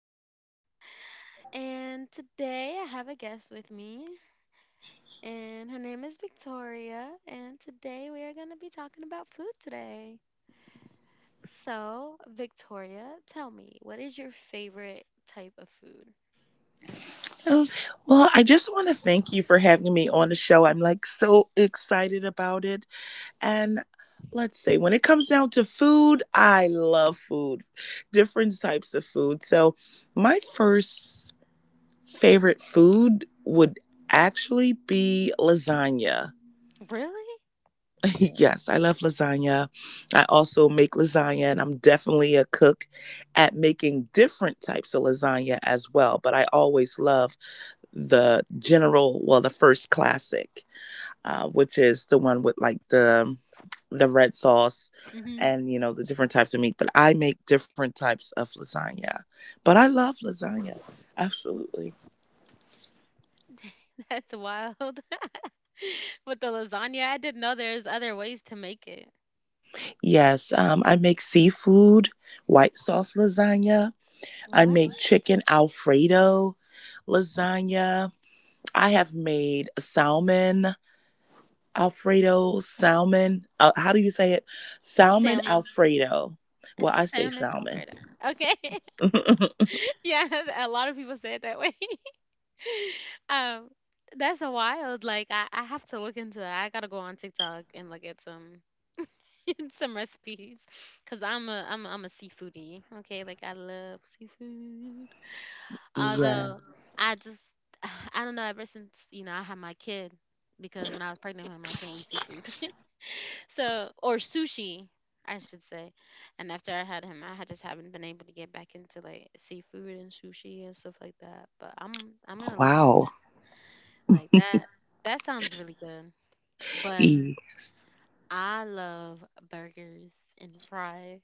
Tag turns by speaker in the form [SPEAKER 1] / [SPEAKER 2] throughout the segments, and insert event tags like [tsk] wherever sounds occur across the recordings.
[SPEAKER 1] podcast. And today I have a guest with me, and her name is Victoria. And today we are going to be talking about food today. So, Victoria, tell me, what is your favorite type of food?
[SPEAKER 2] Oh, well, I just want to thank you for having me on the show. I'm like so excited about it. And let's say when it comes down to food, I love food, different types of food. So my first favorite food would actually be lasagna.
[SPEAKER 1] Really?
[SPEAKER 2] [laughs] Yes, I love lasagna. I also make lasagna, and I'm definitely a cook at making different types of lasagna as well. But I always love the general, well, the first classic, which is the one with like the red sauce
[SPEAKER 1] Hmm
[SPEAKER 2] and you know the different types of meat. But I make different types of lasagna, but I love lasagna. Absolutely.
[SPEAKER 1] [laughs] That's wild. [laughs] With the lasagna, I didn't know there's other ways to make it.
[SPEAKER 2] Yes, I make seafood white sauce lasagna. I
[SPEAKER 1] What?
[SPEAKER 2] make chicken alfredo lasagna. I have made salmon Alfredo salmon. How do you say it? Salmon
[SPEAKER 1] Salmon.
[SPEAKER 2] Alfredo.
[SPEAKER 1] A
[SPEAKER 2] Well, I say
[SPEAKER 1] salmon
[SPEAKER 2] salmon.
[SPEAKER 1] Alfredo. Okay. [laughs] yeah, a lot of people say it that way. [laughs] [laughs] um, that's a wild. Like I have to look into that. I gotta go on TikTok and look at some [laughs] some recipes because I'm a seafoodie. Okay, like I love seafood. Although
[SPEAKER 2] Yes.
[SPEAKER 1] I just [sighs] I don't know. Ever since I had my kid, because when I was pregnant with him, I can't eat seafood. [laughs] so or sushi. I should say, and after I had him, I had just haven't been able to get back into like seafood and sushi and stuff like that. But I'm gonna look into
[SPEAKER 2] Wow.
[SPEAKER 1] like that. That sounds really good. But
[SPEAKER 2] E.
[SPEAKER 1] I love burgers and fries.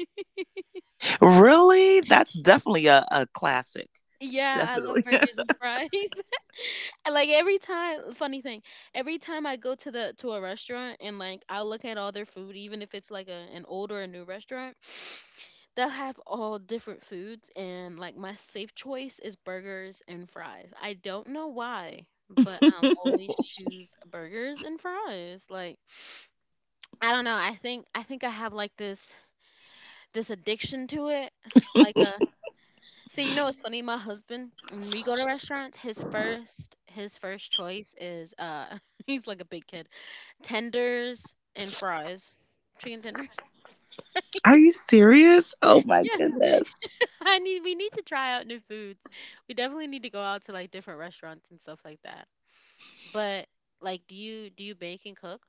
[SPEAKER 1] [laughs]
[SPEAKER 2] Really? That's definitely a classic.
[SPEAKER 1] Yeah, I
[SPEAKER 2] Definitely.
[SPEAKER 1] love burgers and fries. [laughs] Like every time, funny thing, every time I go to the to a restaurant and like I'll look at all their food, even if it's like an old or a new restaurant, [sniffs] they'll have all different foods and like my safe choice is burgers and fries. I don't know why, but I'll always
[SPEAKER 2] [laughs] [laughs]
[SPEAKER 1] choose burgers and fries. Like I don't know. I think I have like this addiction to it. Like see, you know what's funny? My husband, when we go to restaurants, his first choice is [laughs] he's like a big kid. Tenders and fries. Chicken tenders.
[SPEAKER 2] Are you serious? Oh my
[SPEAKER 1] Yeah.
[SPEAKER 2] goodness.
[SPEAKER 1] [laughs] I need we need to try out new foods. We definitely need to go out to like different restaurants and stuff like that. But like do you bake and cook?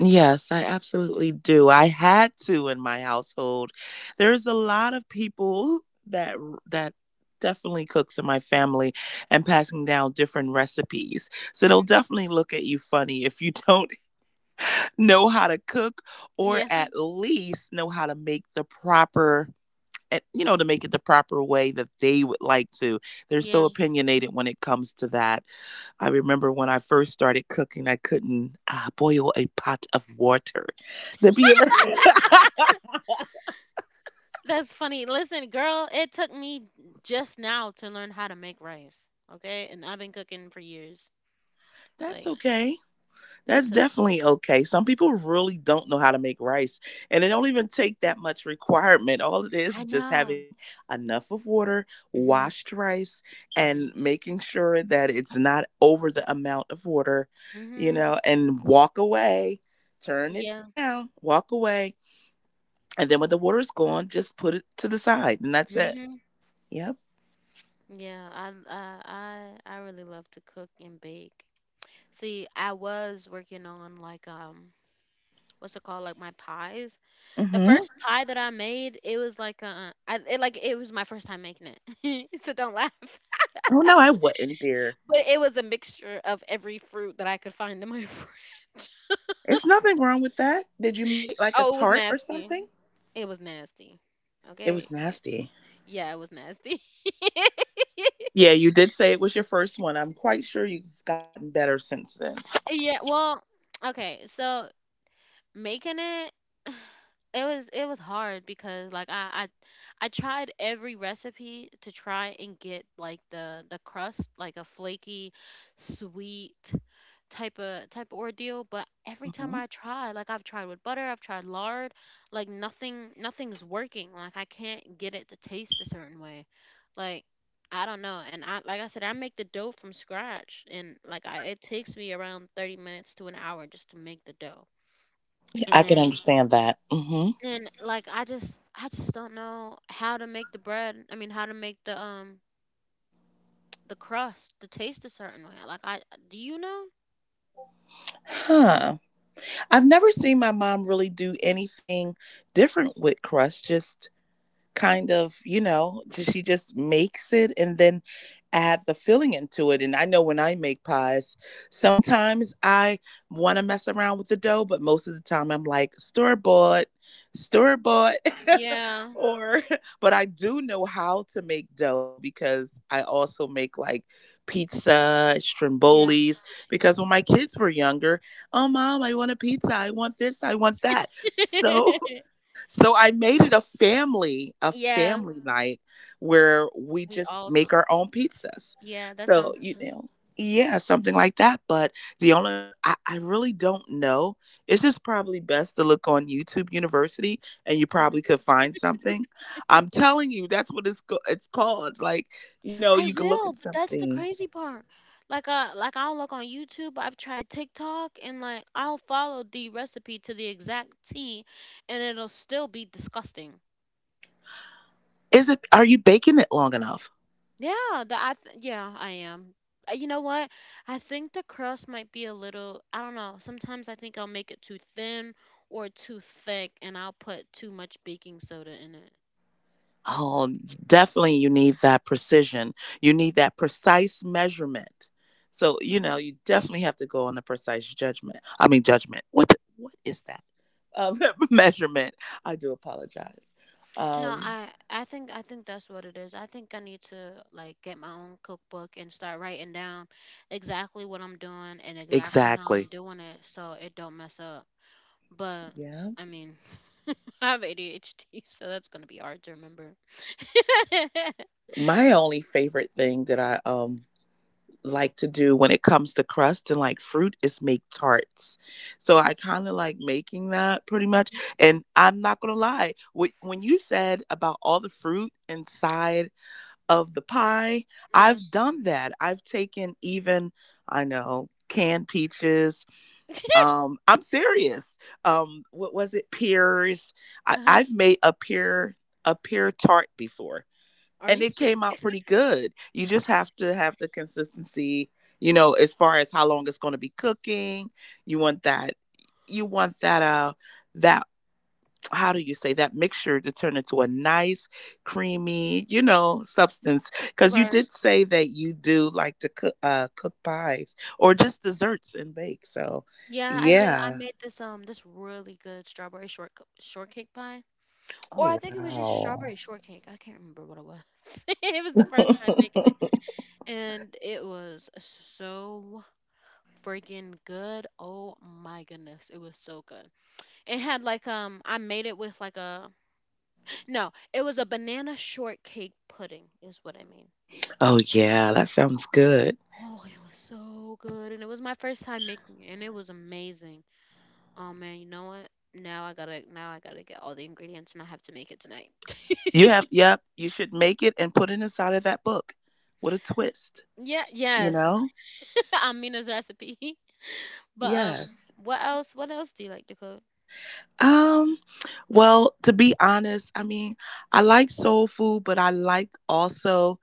[SPEAKER 2] Yes, I absolutely do. I had to in my household. There's a lot of people that that definitely cooks in my family and passing down different recipes. So they'll
[SPEAKER 1] Hmm
[SPEAKER 2] definitely look at you funny if you [laughs] don't know how to cook, or
[SPEAKER 1] Yeah.
[SPEAKER 2] at least know how to make the proper, to make it the proper way that they would like to. They're so
[SPEAKER 1] Yeah.
[SPEAKER 2] opinionated when it comes to that. I remember when I first started cooking, I couldn't boil a pot of water. Did you ever? [laughs]
[SPEAKER 1] That's funny. Listen, girl, it took me just now to learn how to make rice. Okay, and I've been cooking for years.
[SPEAKER 2] That's
[SPEAKER 1] Like,
[SPEAKER 2] okay. That's
[SPEAKER 1] so
[SPEAKER 2] definitely okay. Some people really don't know how to make rice, and it don't even take that much requirement. All it is
[SPEAKER 1] I
[SPEAKER 2] just having
[SPEAKER 1] know.
[SPEAKER 2] enough of water,
[SPEAKER 1] Mhm.
[SPEAKER 2] washed rice, and
[SPEAKER 1] Mhm.
[SPEAKER 2] making sure that it's not over the amount of water,
[SPEAKER 1] Mhm.
[SPEAKER 2] and walk away, turn it
[SPEAKER 1] Yeah.
[SPEAKER 2] down, walk away, and then when the water's gone, just put it to the side, and that's it.
[SPEAKER 1] Mhm.
[SPEAKER 2] Yep.
[SPEAKER 1] Yeah. I really love to cook and bake. See, I was working on like what's it called? Like my pies. The
[SPEAKER 2] Mm-hmm.
[SPEAKER 1] first pie that I made, it was like like it was my first time making it. [laughs] so don't laugh.
[SPEAKER 2] Oh no, I wouldn't, dear.
[SPEAKER 1] But it was a mixture of every fruit that I could find in my [laughs] fridge.
[SPEAKER 2] It's nothing wrong with that. Did you make like a
[SPEAKER 1] Oh, it was
[SPEAKER 2] tart or
[SPEAKER 1] nasty.
[SPEAKER 2] something?
[SPEAKER 1] It was nasty.
[SPEAKER 2] It
[SPEAKER 1] Okay.
[SPEAKER 2] was
[SPEAKER 1] Like,
[SPEAKER 2] nasty.
[SPEAKER 1] yeah, it was nasty. [laughs]
[SPEAKER 2] Yeah, you did say it was your first one. I'm quite sure you've gotten better since then.
[SPEAKER 1] Yeah, well, [tsk] okay, so making it [sighs] it was hard because like I tried every recipe to try and get like the crust like a flaky sweet type of ordeal, but every time
[SPEAKER 2] Hmm.
[SPEAKER 1] I try, like I've tried with butter, I've tried lard, like nothing nothing's working. Like I can't get it to taste a certain way. Like I don't know. And I like I said I make the dough from scratch, and like I it takes me around 30 minutes to an hour just to make the dough. And
[SPEAKER 2] I can
[SPEAKER 1] then,
[SPEAKER 2] understand that. Hmm.
[SPEAKER 1] and like I just don't know how to make the bread I mean how to make the crust to taste a certain way. Like I, do you know?
[SPEAKER 2] Huh. I've never seen my mom really do anything different with crust. Just kind of, she just makes it and then add the filling into it. And I know when I make pies, sometimes I want to mess around with the dough, but most of the time I'm like store bought, [laughs]
[SPEAKER 1] Yeah,
[SPEAKER 2] or, but I do know how to make dough because I also make like pizza,
[SPEAKER 1] yeah
[SPEAKER 2] Stromboli's.
[SPEAKER 1] me too.
[SPEAKER 2] Because when my kids were younger, oh mom, I want a pizza, I want this, I want that. [laughs] So
[SPEAKER 1] [laughs]
[SPEAKER 2] so I made it a family,
[SPEAKER 1] Yeah,
[SPEAKER 2] night where we
[SPEAKER 1] we'd
[SPEAKER 2] just
[SPEAKER 1] all cook
[SPEAKER 2] make our own
[SPEAKER 1] pizza.
[SPEAKER 2] pizzas.
[SPEAKER 1] Yeah, that
[SPEAKER 2] So,
[SPEAKER 1] sounds fun.
[SPEAKER 2] yeah, something like that. But I really don't know. It's just probably best to look on YouTube University and you
[SPEAKER 1] Mhm.
[SPEAKER 2] probably could find something. I'm telling you, that's what it's called. Like,
[SPEAKER 1] I
[SPEAKER 2] you can look
[SPEAKER 1] will,
[SPEAKER 2] at
[SPEAKER 1] but that's the
[SPEAKER 2] something.
[SPEAKER 1] crazy part. Like I'll look on YouTube, I've tried TikTok, and like I'll follow the recipe to the exact T, and it'll still be disgusting.
[SPEAKER 2] Is it are you baking it long enough?
[SPEAKER 1] Yeah, I am. You know what? I think the crust might be a little, I don't know. Sometimes I think I'll make it too thin or too thick, and I'll put too much baking soda in.
[SPEAKER 2] Oh, definitely you need that precision. You need that precise measurement. So, you definitely have to go on the precise judgment. I mean judgment. What is that? Um [laughs] Measurement. I do apologize.
[SPEAKER 1] No,
[SPEAKER 2] Um
[SPEAKER 1] I think that's what it is. I think I need to like get my own cookbook and start writing down exactly what I'm doing and exactly how I'm
[SPEAKER 2] exactly.
[SPEAKER 1] doing it so it don't mess up. But
[SPEAKER 2] Yeah.
[SPEAKER 1] I mean, [laughs] I have ADHD, so that's gonna be hard to remember. [laughs]
[SPEAKER 2] My only favorite thing that I like to do when it comes to crust and like fruit is make tarts. So I kind of like making that pretty much.
[SPEAKER 1] Mhm.
[SPEAKER 2] And I'm not gonna lie, when you said about all the fruit inside of the pie,
[SPEAKER 1] Yeah.
[SPEAKER 2] I've done that. I've taken even I know canned peaches. I'm serious. What was it? Pears.
[SPEAKER 1] Uh-huh.
[SPEAKER 2] I've made a pear tart before
[SPEAKER 1] Are
[SPEAKER 2] and
[SPEAKER 1] you
[SPEAKER 2] it came
[SPEAKER 1] serious?
[SPEAKER 2] out pretty good. You just have to have the consistency, as far as how long it's going to be cooking. You want that you want that that how do you say that mixture to turn into a nice creamy, substance. Cuz you
[SPEAKER 1] Right.
[SPEAKER 2] did say that you do like to cook pies or just desserts and bake. So,
[SPEAKER 1] Yeah, I do. I
[SPEAKER 2] yeah.
[SPEAKER 1] made this this really good strawberry short shortcake pie, or I
[SPEAKER 2] Oh
[SPEAKER 1] think it was just
[SPEAKER 2] wow.
[SPEAKER 1] strawberry shortcake. I can't remember what it was. [laughs] It was the first time making
[SPEAKER 2] [laughs]
[SPEAKER 1] it. And it was so freaking good. Oh my goodness, it was so good. It had like I made it with like a no, it was a banana shortcake pudding is what I mean.
[SPEAKER 2] Oh yeah, that sounds good.
[SPEAKER 1] Oh, it was so good, and it was my first time making it, and it was amazing. Oh man, you know what? Now I gotta get all the ingredients, and I have to make it tonight. [laughs]
[SPEAKER 2] Yep, you should make it and put it inside of that book. What a twist,
[SPEAKER 1] Yeah,
[SPEAKER 2] you
[SPEAKER 1] yes.
[SPEAKER 2] know?
[SPEAKER 1] [laughs] Amina's recipe. [laughs] But
[SPEAKER 2] Yes.
[SPEAKER 1] what else do you like to cook?
[SPEAKER 2] Um, well, to be honest, I mean, I like soul food, but I like also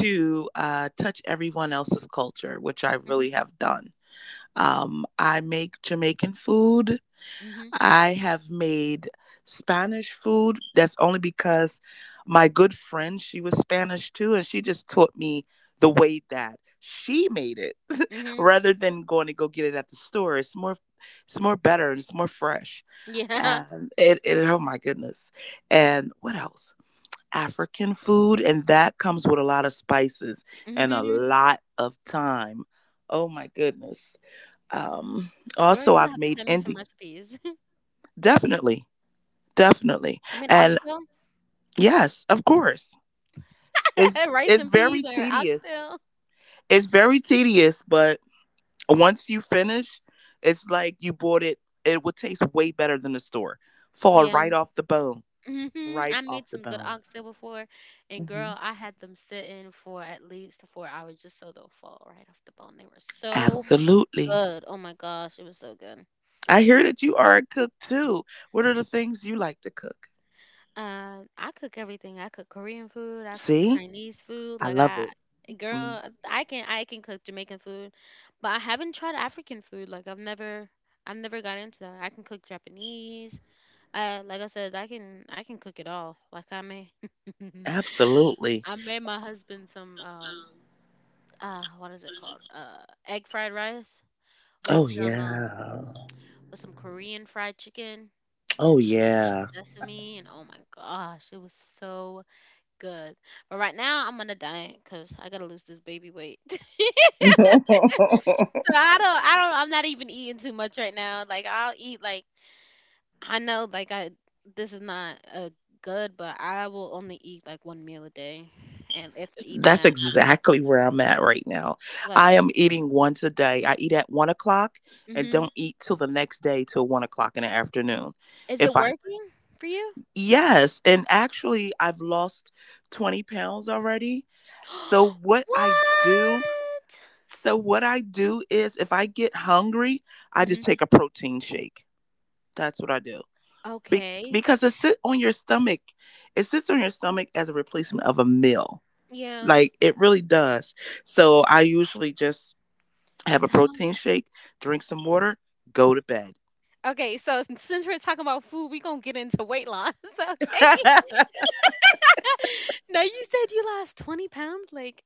[SPEAKER 2] to touch everyone else's culture, which I
[SPEAKER 1] Mhm.
[SPEAKER 2] really have done. I make Jamaican food.
[SPEAKER 1] Mhm.
[SPEAKER 2] I have made Spanish food. That's only because my good friend, she was Spanish too, and she just taught me the way that she made it [laughs]
[SPEAKER 1] Mhm.
[SPEAKER 2] rather than going to go get it at the store. It's more better and it's more fresh.
[SPEAKER 1] Yeah.
[SPEAKER 2] And it oh my goodness. And what else? African food, and that comes with a lot of spices
[SPEAKER 1] [laughs]
[SPEAKER 2] and a
[SPEAKER 1] Mhm.
[SPEAKER 2] lot of time. Oh my goodness. Um
[SPEAKER 1] Girl,
[SPEAKER 2] also
[SPEAKER 1] you're gonna
[SPEAKER 2] I've
[SPEAKER 1] have to
[SPEAKER 2] made
[SPEAKER 1] send me some
[SPEAKER 2] Indian.
[SPEAKER 1] recipes. [laughs]
[SPEAKER 2] Definitely. Definitely.
[SPEAKER 1] You mean
[SPEAKER 2] And
[SPEAKER 1] oxtail?
[SPEAKER 2] yes, of course. It's
[SPEAKER 1] [laughs] Rice
[SPEAKER 2] it's
[SPEAKER 1] and
[SPEAKER 2] very
[SPEAKER 1] peas or
[SPEAKER 2] tedious.
[SPEAKER 1] oxtail?
[SPEAKER 2] It's very tedious, but once you finish, it's like you bought it. Would taste way better than the store. Fall
[SPEAKER 1] Yeah.
[SPEAKER 2] right off the bone.
[SPEAKER 1] hmm
[SPEAKER 2] Right
[SPEAKER 1] I made
[SPEAKER 2] off the
[SPEAKER 1] some good
[SPEAKER 2] bone.
[SPEAKER 1] oxtail before, and
[SPEAKER 2] Hmm.
[SPEAKER 1] girl, I had them sitting for at least 4 hours just so they'll fall right off the bone. They were so
[SPEAKER 2] Absolutely.
[SPEAKER 1] good. Oh my gosh, it was so good.
[SPEAKER 2] I hear that you are a cook too. What are the things you like to cook?
[SPEAKER 1] I cook everything. I cook Korean food. I cook
[SPEAKER 2] See?
[SPEAKER 1] Chinese food.
[SPEAKER 2] I love it. Mm.
[SPEAKER 1] Girl, I can cook Jamaican food, but I haven't tried African food. Like I've never got into that. I can cook Japanese. Like I said, I can cook it all. Like I made [laughs]
[SPEAKER 2] Absolutely.
[SPEAKER 1] I made my husband some what is it called? Uh, egg fried rice with
[SPEAKER 2] Oh
[SPEAKER 1] some um
[SPEAKER 2] yeah.
[SPEAKER 1] with some Korean fried chicken
[SPEAKER 2] Oh
[SPEAKER 1] and some like
[SPEAKER 2] yeah.
[SPEAKER 1] sesame, and oh my gosh, it was so good. But right now I'm on a diet cuz I got to lose this baby weight. [laughs] So
[SPEAKER 2] [laughs]
[SPEAKER 1] I'm not even eating too much right now. Like I'll eat like, I know, like I, this is not a good, but I will only eat like 1 meal a day, and if even
[SPEAKER 2] That's
[SPEAKER 1] that, I,
[SPEAKER 2] exactly where I'm at right now.
[SPEAKER 1] like,
[SPEAKER 2] I am eating once a day. I eat at 1 o'clock and
[SPEAKER 1] hmm
[SPEAKER 2] don't eat till the next day till 1 o'clock in the afternoon.
[SPEAKER 1] is it
[SPEAKER 2] If I,
[SPEAKER 1] working for you?
[SPEAKER 2] Yes, and actually, I've lost 20 pounds already. So,
[SPEAKER 1] [gasps]
[SPEAKER 2] what I
[SPEAKER 1] What?
[SPEAKER 2] do, so what I do is if I get hungry, I
[SPEAKER 1] Hmm
[SPEAKER 2] just take a protein shake. That's what I do. Be-
[SPEAKER 1] Okay.
[SPEAKER 2] because it sits on your stomach, it sits on your stomach as a replacement of a meal.
[SPEAKER 1] Yeah.
[SPEAKER 2] Like it really does. So I usually just have a
[SPEAKER 1] So how-
[SPEAKER 2] protein shake, drink some water, go to bed.
[SPEAKER 1] okay, so since we're talking about food, we gonna get into weight loss, [laughs] okay?
[SPEAKER 2] [laughs]
[SPEAKER 1] [laughs] Now you said you lost 20 pounds. Like,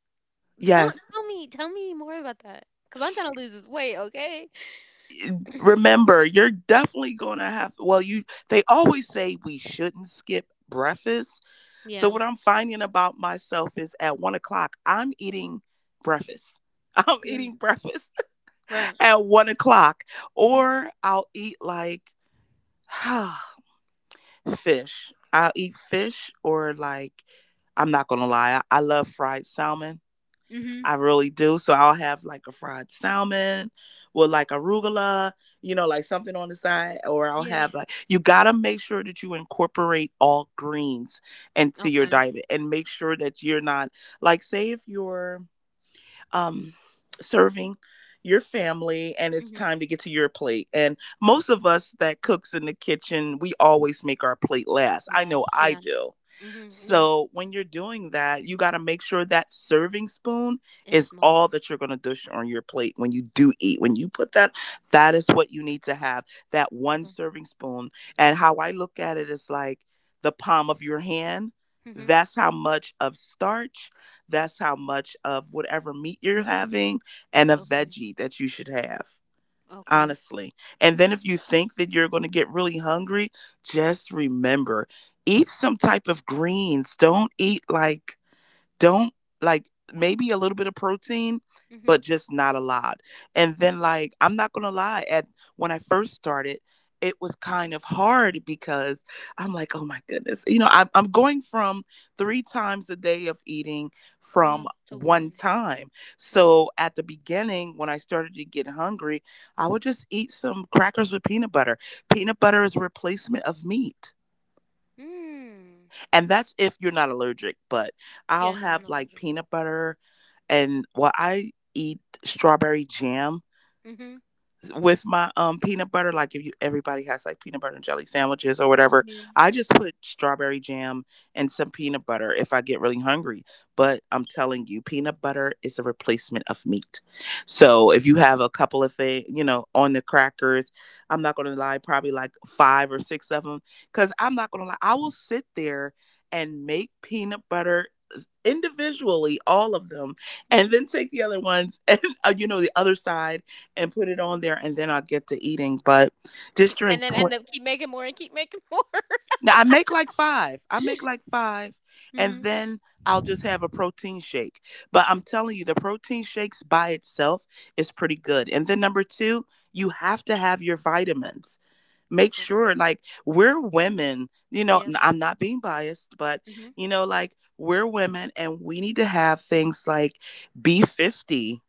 [SPEAKER 1] tell
[SPEAKER 2] Yes.
[SPEAKER 1] tell me more about that, cause I'm trying to lose this weight, okay?
[SPEAKER 2] Remember, you're definitely going to have, well, you, they always say we shouldn't skip breakfast. So
[SPEAKER 1] Yeah,
[SPEAKER 2] what
[SPEAKER 1] but
[SPEAKER 2] I'm finding about myself is at 1 o'clock I'm eating breakfast. [laughs] I'm
[SPEAKER 1] yeah,
[SPEAKER 2] eating breakfast
[SPEAKER 1] right.
[SPEAKER 2] [laughs] at 1 o'clock,
[SPEAKER 1] Mhm.
[SPEAKER 2] or I'll eat like [sighs] fish. I'll eat fish or like, I'm not gonna lie, I love fried salmon.
[SPEAKER 1] Mhm.
[SPEAKER 2] I really do. So I'll have like a fried salmon with like arugula, like something on the side. Or I'll
[SPEAKER 1] Yeah.
[SPEAKER 2] have like, you gotta make sure that you incorporate all greens into your
[SPEAKER 1] Okay.
[SPEAKER 2] diet and make sure that you're not, like, say if you're um, serving your family and it's
[SPEAKER 1] Mhm.
[SPEAKER 2] time to get to your plate, and
[SPEAKER 1] Mhm.
[SPEAKER 2] most of us that cooks in the kitchen, we always make our plate last. I know
[SPEAKER 1] Last.
[SPEAKER 2] I
[SPEAKER 1] Yeah.
[SPEAKER 2] do.
[SPEAKER 1] Mhm. Yeah.
[SPEAKER 2] So when you're doing that, you got to make sure that serving spoon
[SPEAKER 1] It's
[SPEAKER 2] is
[SPEAKER 1] small.
[SPEAKER 2] all that you're going to dish on your plate. When you do eat, when you put that, that is what you need to have, that one
[SPEAKER 1] Okay.
[SPEAKER 2] serving spoon. And how I look at it is like the palm of your hand.
[SPEAKER 1] Mhm.
[SPEAKER 2] That's how much of starch, that's how much of whatever meat you're having, and a
[SPEAKER 1] Okay.
[SPEAKER 2] veggie that you should have,
[SPEAKER 1] Okay.
[SPEAKER 2] honestly. And then if you think that you're going to get really hungry, just remember, eat some type of greens. Don't eat like, don't, like maybe a little bit of protein,
[SPEAKER 1] Mhm.
[SPEAKER 2] but just not a lot. And then, like, I'm not gonna lie, at when I first started, it was kind of hard because I'm like, oh my goodness, I'm going from three times a day of eating
[SPEAKER 1] Yeah.
[SPEAKER 2] from
[SPEAKER 1] To
[SPEAKER 2] one
[SPEAKER 1] one.
[SPEAKER 2] time.
[SPEAKER 1] Right.
[SPEAKER 2] So at the beginning, when I started to get hungry, I would just eat some crackers with peanut butter. Peanut butter is a replacement of meat,
[SPEAKER 1] Mm.
[SPEAKER 2] and that's if you're not allergic, but
[SPEAKER 1] Yeah.
[SPEAKER 2] I'll
[SPEAKER 1] No, I'm
[SPEAKER 2] have
[SPEAKER 1] not
[SPEAKER 2] like
[SPEAKER 1] allergic.
[SPEAKER 2] peanut butter, and while I eat strawberry jam
[SPEAKER 1] Mhm.
[SPEAKER 2] with my peanut butter, like, if you everybody has like peanut butter and jelly sandwiches or whatever.
[SPEAKER 1] Yeah.
[SPEAKER 2] I just put strawberry jam and some peanut butter if I get really hungry, but I'm telling you, peanut butter is a replacement of meat. So if you have a couple of things, on the crackers, I'm not gonna lie, probably like five or six of them, because I'm not gonna lie, I will sit there and make peanut butter individually all of them, and
[SPEAKER 1] Mhm.
[SPEAKER 2] then take the other ones [laughs] and the other side, and put it on there, and then I'll get to eating. But just
[SPEAKER 1] And
[SPEAKER 2] drink.
[SPEAKER 1] then end up keep making more and keep making [laughs] more.
[SPEAKER 2] Now I make like five. I make like five, and
[SPEAKER 1] Mhm.
[SPEAKER 2] then I'll just have a protein shake. But I'm
[SPEAKER 1] Mhm.
[SPEAKER 2] telling you, the protein shakes by itself is pretty good. And then number two, you have to have your vitamins. Make
[SPEAKER 1] Okay.
[SPEAKER 2] sure, like, we're women,
[SPEAKER 1] Yeah.
[SPEAKER 2] I'm not being biased, but,
[SPEAKER 1] Mhm.
[SPEAKER 2] you know, like, we're women and we need to have things like B50.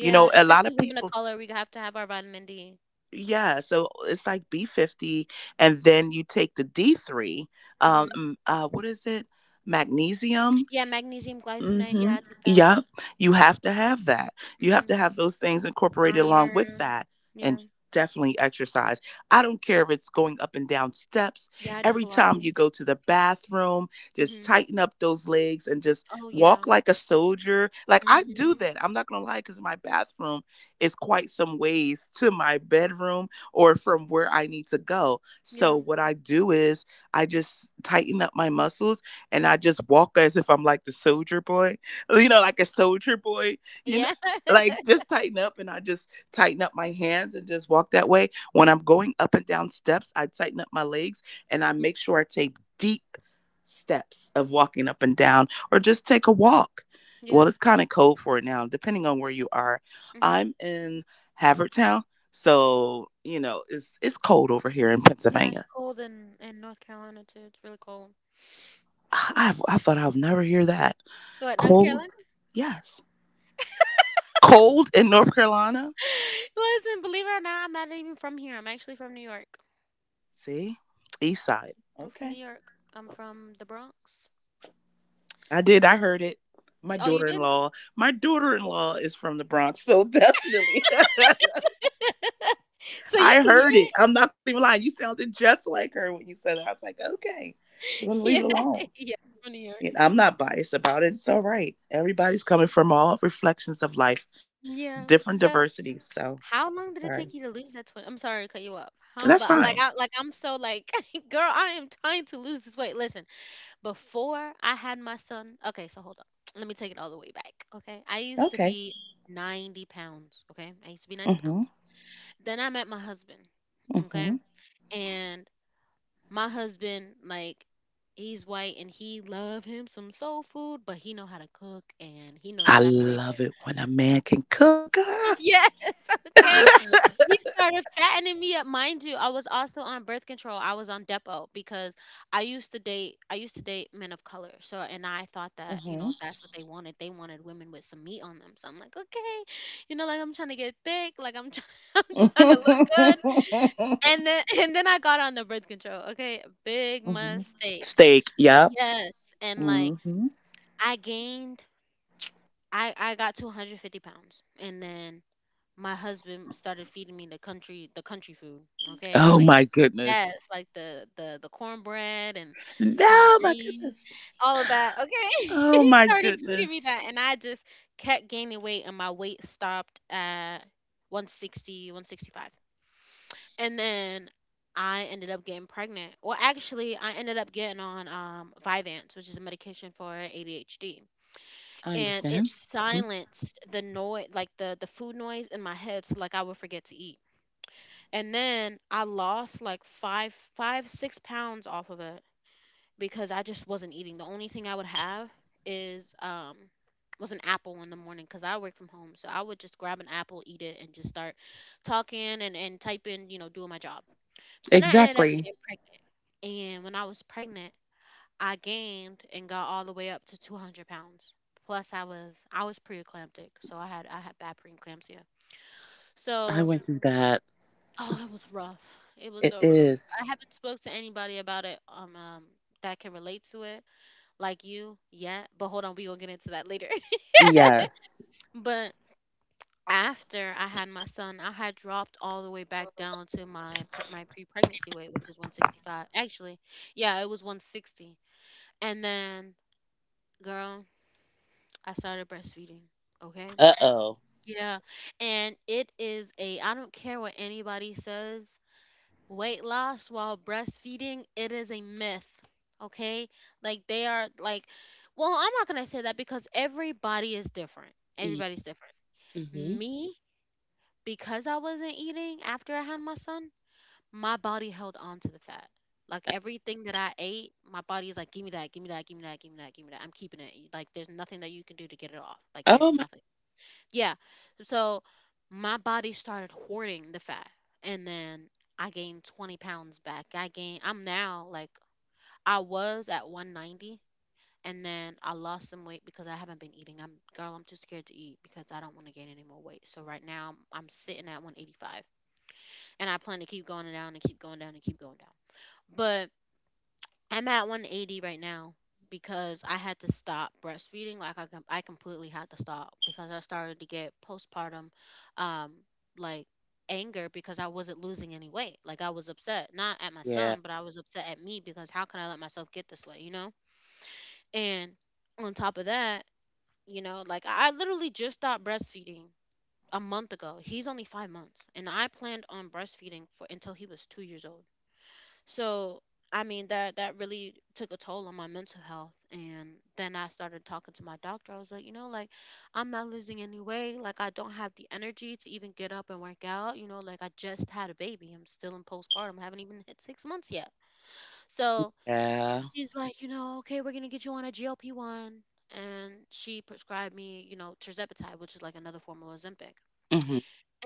[SPEAKER 2] You know, a lot
[SPEAKER 1] Especially
[SPEAKER 2] of
[SPEAKER 1] women of
[SPEAKER 2] people.
[SPEAKER 1] color, we have to have our vitamin D.
[SPEAKER 2] Yeah, so it's like B50, and then you take the D3,
[SPEAKER 1] Mhm.
[SPEAKER 2] what is it? Magnesium.
[SPEAKER 1] Yeah. Magnesium glycinate.
[SPEAKER 2] Mm-hmm.
[SPEAKER 1] Yeah, I take that.
[SPEAKER 2] Yeah, you have to have that. You have
[SPEAKER 1] Mhm.
[SPEAKER 2] to have those things incorporated along with
[SPEAKER 1] Iron.
[SPEAKER 2] that, and
[SPEAKER 1] Yeah.
[SPEAKER 2] definitely exercise. I don't care if it's going up and down steps.
[SPEAKER 1] Yeah, I do
[SPEAKER 2] Every time you go
[SPEAKER 1] Pilates.
[SPEAKER 2] to the bathroom, just
[SPEAKER 1] Mhm.
[SPEAKER 2] tighten up those legs and just
[SPEAKER 1] Oh,
[SPEAKER 2] walk
[SPEAKER 1] yeah.
[SPEAKER 2] like a soldier. Like I do
[SPEAKER 1] Mm-hmm.
[SPEAKER 2] that. I'm not gonna lie, because my bathroom is quite some ways to my bedroom or from where I need to go. So
[SPEAKER 1] Yeah.
[SPEAKER 2] what I do is I just tighten up my muscles and I
[SPEAKER 1] Mm-hmm.
[SPEAKER 2] just walk as if I'm like the soldier boy, [laughs] you know,
[SPEAKER 1] Yeah.
[SPEAKER 2] like a soldier boy, you know,
[SPEAKER 1] Yeah.
[SPEAKER 2] like
[SPEAKER 1] [laughs]
[SPEAKER 2] just tighten up and I just tighten up my hands and just walk that way. When I'm going up and down steps, I tighten up my legs and I
[SPEAKER 1] hmm
[SPEAKER 2] make sure I take deep steps of walking up and down or
[SPEAKER 1] hmm
[SPEAKER 2] just take a walk.
[SPEAKER 1] Yeah.
[SPEAKER 2] Well, it's kind of cold for it now, depending on where you are.
[SPEAKER 1] hmm
[SPEAKER 2] I'm in Havertown, so you know it's cold over here in
[SPEAKER 1] Yeah, it's
[SPEAKER 2] Pennsylvania.
[SPEAKER 1] cold in North Carolina too. It's really cold.
[SPEAKER 2] I thought I'd never hear that.
[SPEAKER 1] What, North Carolina?
[SPEAKER 2] Cold?
[SPEAKER 1] [gasps]
[SPEAKER 2] Yes. Cold in North Carolina?
[SPEAKER 1] [laughs] Listen, believe it or not, I'm not even from here. I'm actually from New York.
[SPEAKER 2] See? East side.
[SPEAKER 1] I'm from New
[SPEAKER 2] Okay.
[SPEAKER 1] York. I'm from the Bronx.
[SPEAKER 2] I did.
[SPEAKER 1] So,
[SPEAKER 2] I heard it.
[SPEAKER 1] oh, you did?
[SPEAKER 2] My daughter in law is from the Bronx, so definitely. [laughs]
[SPEAKER 1] [laughs] So you
[SPEAKER 2] I
[SPEAKER 1] can hear
[SPEAKER 2] heard it.
[SPEAKER 1] it?
[SPEAKER 2] I'm not gonna even lie. You sounded just like her when you said it. I was like, okay, I'm gonna
[SPEAKER 1] [laughs]
[SPEAKER 2] leave
[SPEAKER 1] Yeah.
[SPEAKER 2] it alone.
[SPEAKER 1] [laughs] Yeah. From New York.
[SPEAKER 2] You know, I'm not biased about it. It's all right. Everybody's coming from all reflections of life,
[SPEAKER 1] Yeah.
[SPEAKER 2] different
[SPEAKER 1] So,
[SPEAKER 2] diversities. So
[SPEAKER 1] how long did
[SPEAKER 2] sorry.
[SPEAKER 1] it take you to lose that 20? I'm sorry to cut you off. How
[SPEAKER 2] That's
[SPEAKER 1] but
[SPEAKER 2] fine.
[SPEAKER 1] I like I'm so like [laughs] girl, I am trying to lose this weight. Listen, before I had my son, okay, so hold on. [tsk] Let me take it all the way back. Okay. I used to
[SPEAKER 2] Okay.
[SPEAKER 1] be 90 pounds. Okay. I used to be 90
[SPEAKER 2] Mm-hmm.
[SPEAKER 1] pounds. Then I met my husband. Okay.
[SPEAKER 2] Mm-hmm.
[SPEAKER 1] And my husband, like, he's white and he love him some soul food, but he know how to cook and he know
[SPEAKER 2] I
[SPEAKER 1] exactly where to go.
[SPEAKER 2] love
[SPEAKER 1] [laughs]
[SPEAKER 2] it when a man can cook. Ah!
[SPEAKER 1] Yes, [laughs] okay. He started fattening me up. Mind you, I was also on birth control. I was on Depo because I used to date men of color. So, and I thought that, you
[SPEAKER 2] Hmm.
[SPEAKER 1] know, that's what they wanted. They wanted women with some meat on them. So I'm like, okay. You know, like I'm trying to get thick, like I'm trying [laughs] I'm trying to look good. And then [laughs] and then I got on the birth control. Okay. Big
[SPEAKER 2] Hmm. [laughs]
[SPEAKER 1] mistake.
[SPEAKER 2] Steak. Yep.
[SPEAKER 1] Yes. And like
[SPEAKER 2] Hmm.
[SPEAKER 1] I gained. I got to 150 pounds. And then my husband started feeding me the country food.
[SPEAKER 2] Oh
[SPEAKER 1] Okay, like
[SPEAKER 2] my
[SPEAKER 1] yes,
[SPEAKER 2] goodness.
[SPEAKER 1] like the cornbread and the collard
[SPEAKER 2] No, my
[SPEAKER 1] greens,
[SPEAKER 2] goodness.
[SPEAKER 1] all of that. Okay, [laughs]
[SPEAKER 2] Oh
[SPEAKER 1] he
[SPEAKER 2] my
[SPEAKER 1] started feeding me
[SPEAKER 2] goodness.
[SPEAKER 1] that, and I just kept gaining weight, and my weight stopped at 160, 165. And then. I ended up getting pregnant. Well, actually, I ended up getting on Vyvanse, which is a medication for ADHD.
[SPEAKER 2] I
[SPEAKER 1] And
[SPEAKER 2] understand.
[SPEAKER 1] it
[SPEAKER 2] Mhm.
[SPEAKER 1] silenced the noise, like the food noise in my head, so like I would forget to eat. And then I lost like five six pounds off of it because I just wasn't eating. The only thing I would have is was an apple in the morning because I work from home, so I would just grab an apple, eat it, and just start talking and typing, doing my job. Then I ended up
[SPEAKER 2] Exactly.
[SPEAKER 1] getting pregnant. And when I was pregnant, I gained and got all the way up to 200 pounds. Plus, I was preeclamptic, so I had bad preeclampsia.
[SPEAKER 2] I
[SPEAKER 1] So,
[SPEAKER 2] went through that.
[SPEAKER 1] oh, it was rough. It was
[SPEAKER 2] It
[SPEAKER 1] so rough. I
[SPEAKER 2] is.
[SPEAKER 1] haven't spoke to anybody about it that can relate to it like you yet. But hold on, we gonna get into that later. [laughs]
[SPEAKER 2] Yes.
[SPEAKER 1] But after I had my son, I had dropped all the way back down to my pre-pregnancy weight, which is 165. Actually, yeah, it was 160. And then, girl, I started breastfeeding. Okay.
[SPEAKER 2] Uh oh.
[SPEAKER 1] Yeah, and it is a, I don't care what anybody says, weight loss while breastfeeding, it is a myth. Okay? Like they are like, well, I'm not gonna say that because everybody is different.
[SPEAKER 2] Yeah.
[SPEAKER 1] Everybody's different.
[SPEAKER 2] Hmm.
[SPEAKER 1] Me, because I wasn't eating after I had my son, my body held on to the fat. Like everything that I ate, my body is like, give me that, give me that, give me that, give me that, give me that. I'm keeping it. Like there's nothing that you can do to get it off. Like there's
[SPEAKER 2] Oh my.
[SPEAKER 1] nothing. Yeah. So my body started hoarding the fat, and then I gained 20 pounds back. I'm now like, I was at 190, and then I lost some weight because I haven't been eating. I'm girl, I'm too scared to eat because I don't want to gain any more weight. So right now I'm sitting at 185, and I plan to keep going down and keep going down and keep going down. I'm at 180 right now because I had to stop breastfeeding. Like I, completely had to stop because I started to get postpartum, um, like anger, because I wasn't losing any weight. Like I was upset, not at my
[SPEAKER 2] Yeah.
[SPEAKER 1] son, but I was upset at me because how can I let myself get this way, you know? And on top of that, like I literally just stopped breastfeeding a month ago. He's only 5 months, and I planned on breastfeeding for until he was 2 years old. So I mean that really took a toll on my mental health. And then I started talking to my doctor. I was like, like I'm not losing any weight. Like I don't have the energy to even get up and work out. Like I just had a baby. I'm still in postpartum. I haven't even hit 6 months yet. So
[SPEAKER 2] Yeah.
[SPEAKER 1] she's like, okay, we're gonna get you on a GLP one. And she prescribed me, terzepatide, which is like another form of Ozempic.
[SPEAKER 2] Hmm.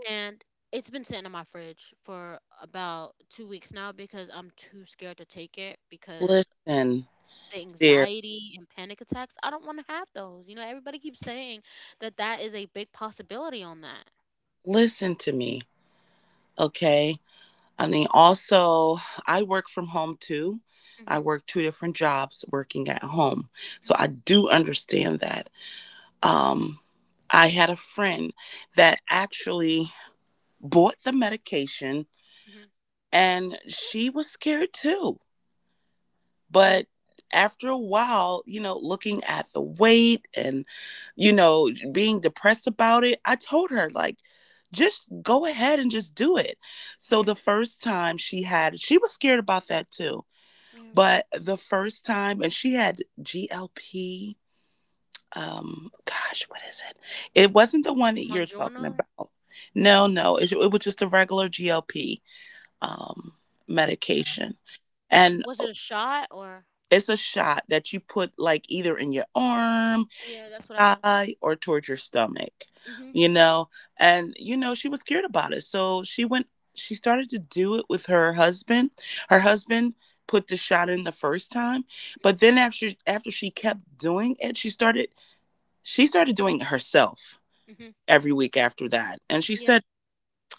[SPEAKER 1] And it's been sitting in my fridge for about 2 weeks now because I'm too scared to take it because
[SPEAKER 2] Listen.
[SPEAKER 1] the anxiety and panic attacks, I don't want to have those. Everybody keeps saying that is a big possibility on that.
[SPEAKER 2] Listen to me, okay? I mean, also, I work from home too. I
[SPEAKER 1] Mhm.
[SPEAKER 2] work two different jobs working at home. So
[SPEAKER 1] Mhm.
[SPEAKER 2] I do understand that. Um, I had a friend that actually bought the medication
[SPEAKER 1] Mhm.
[SPEAKER 2] and she was scared too. But after a while, you know, looking at the weight and, you know, being depressed about it, I told her, like, just go ahead and just do it. So
[SPEAKER 1] Yeah.
[SPEAKER 2] the first time she had, she was scared about that too.
[SPEAKER 1] Yeah.
[SPEAKER 2] But the first time, and she had GLP, gosh, what is it? It wasn't the one that you're talking
[SPEAKER 1] Mongiorno?
[SPEAKER 2] about. No, no, it was just a regular GLP um, medication. And
[SPEAKER 1] Was it a shot or.
[SPEAKER 2] it's a shot that you put like either in your arm,
[SPEAKER 1] Yeah, that's what I have.
[SPEAKER 2] thigh, or towards your stomach,
[SPEAKER 1] Mhm.
[SPEAKER 2] you know? And, you know, she was scared about it. So she started to do it with her husband. Her
[SPEAKER 1] Mhm.
[SPEAKER 2] husband put the shot in the first time. But
[SPEAKER 1] Mhm.
[SPEAKER 2] then after she kept doing it, she started doing it herself
[SPEAKER 1] Mhm.
[SPEAKER 2] every week after that. And she
[SPEAKER 1] Yeah.
[SPEAKER 2] said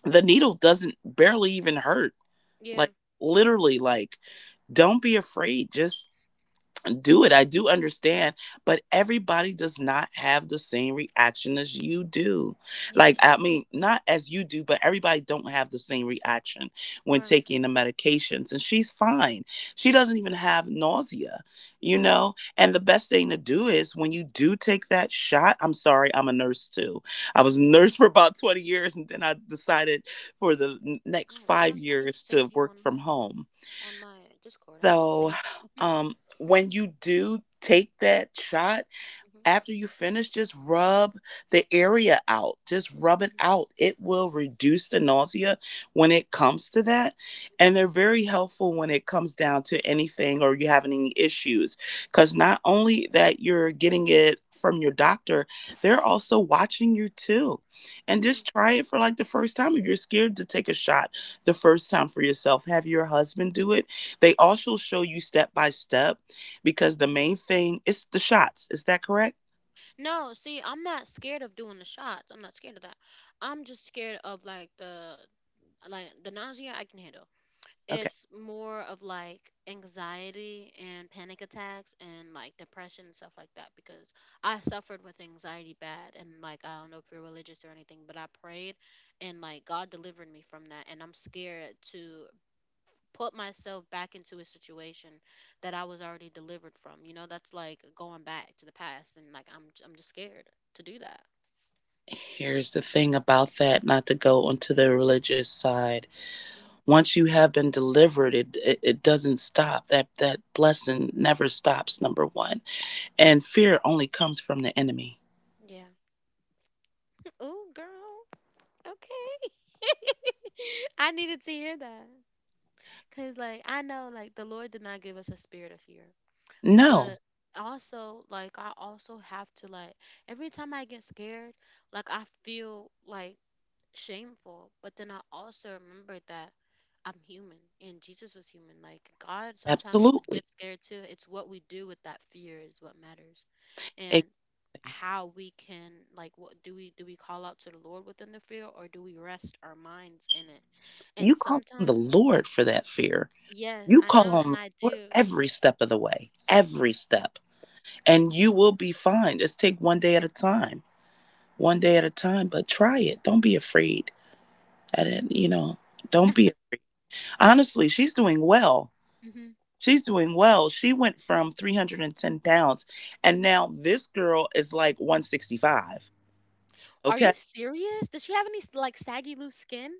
[SPEAKER 2] the needle doesn't barely even hurt.
[SPEAKER 1] Yeah.
[SPEAKER 2] Like literally, like, don't be afraid. Just do it. I do understand, but everybody does not have the same reaction as you do.
[SPEAKER 1] Yeah.
[SPEAKER 2] Not as you do, but everybody don't have the same reaction when
[SPEAKER 1] Right.
[SPEAKER 2] taking the medications. And she's fine. She doesn't even have nausea, you know? And the best thing to do is when you do take that shot, I'm sorry, I'm a nurse too. I was
[SPEAKER 1] Mhm.
[SPEAKER 2] a nurse for about 20 years and then I decided for the next
[SPEAKER 1] Oh,
[SPEAKER 2] 5
[SPEAKER 1] girl, I need to
[SPEAKER 2] years to
[SPEAKER 1] save you
[SPEAKER 2] work
[SPEAKER 1] on
[SPEAKER 2] from
[SPEAKER 1] my
[SPEAKER 2] home.
[SPEAKER 1] Discord. I need to
[SPEAKER 2] So,
[SPEAKER 1] save you. [laughs]
[SPEAKER 2] when you do take that shot,
[SPEAKER 1] Mhm.
[SPEAKER 2] after you finish, just rub the area out. Just rub it
[SPEAKER 1] Mhm.
[SPEAKER 2] out. It will reduce the nausea when it comes to that. And they're very helpful when it comes down to anything or you have any issues. Because
[SPEAKER 1] Mhm,
[SPEAKER 2] not only that you're getting it from your doctor, they're also watching you too. And
[SPEAKER 1] yeah.
[SPEAKER 2] just try it for like the first time. If you're scared to take a shot the first time for yourself, have your husband do it. They also show you step by step because the main thing is the shots. Is that correct?
[SPEAKER 1] No, see, I'm not scared of doing the shots. I'm not scared of that. I'm just scared of like the nausea I can handle.
[SPEAKER 2] Okay.
[SPEAKER 1] It's more of like anxiety and panic attacks and like depression and stuff like that because I suffered with anxiety bad, and like I don't know if you're religious or anything, but I prayed, and like God delivered me from that, and I'm scared to put myself back into a situation that I was already delivered from. That's like going back to the past, and like I'm just scared to do that.
[SPEAKER 2] Here's the thing about that, not to go onto the religious side.
[SPEAKER 1] Mm,
[SPEAKER 2] Once you have been delivered, it doesn't stop. That blessing never stops, number one. And fear only comes from the enemy.
[SPEAKER 1] yeah. Ooh, girl. Okay. [laughs] I needed to hear that. Cause like I know like the Lord did not give us a spirit of fear.
[SPEAKER 2] No,
[SPEAKER 1] But also like I also have to like every time I get scared, like I feel like shameful. But then I also remembered that I'm human and Jesus was human. Like God sometimes would
[SPEAKER 2] absolutely.
[SPEAKER 1] get scared too. It's what we do with that fear is what matters.
[SPEAKER 2] It,
[SPEAKER 1] And how we can like what do we do, we call out to the Lord within the fear, or do we rest our minds in it?
[SPEAKER 2] you
[SPEAKER 1] And
[SPEAKER 2] call on the
[SPEAKER 1] sometimes
[SPEAKER 2] Lord for that fear.
[SPEAKER 1] yes,
[SPEAKER 2] You
[SPEAKER 1] I
[SPEAKER 2] call
[SPEAKER 1] know,
[SPEAKER 2] on
[SPEAKER 1] and
[SPEAKER 2] the
[SPEAKER 1] I
[SPEAKER 2] Lord
[SPEAKER 1] do.
[SPEAKER 2] every step of the way, every step. And you will be fine. Just take one day at a time. One
[SPEAKER 1] Yeah.
[SPEAKER 2] day at a time, but try it. Don't be afraid. I didn't, you know, don't be honestly, she's doing well.
[SPEAKER 1] Hmm.
[SPEAKER 2] She's doing well. She went from 310 pounds, and now this girl is like 165.
[SPEAKER 1] Are you
[SPEAKER 2] Okay.
[SPEAKER 1] serious? Does she have any like saggy loose skin?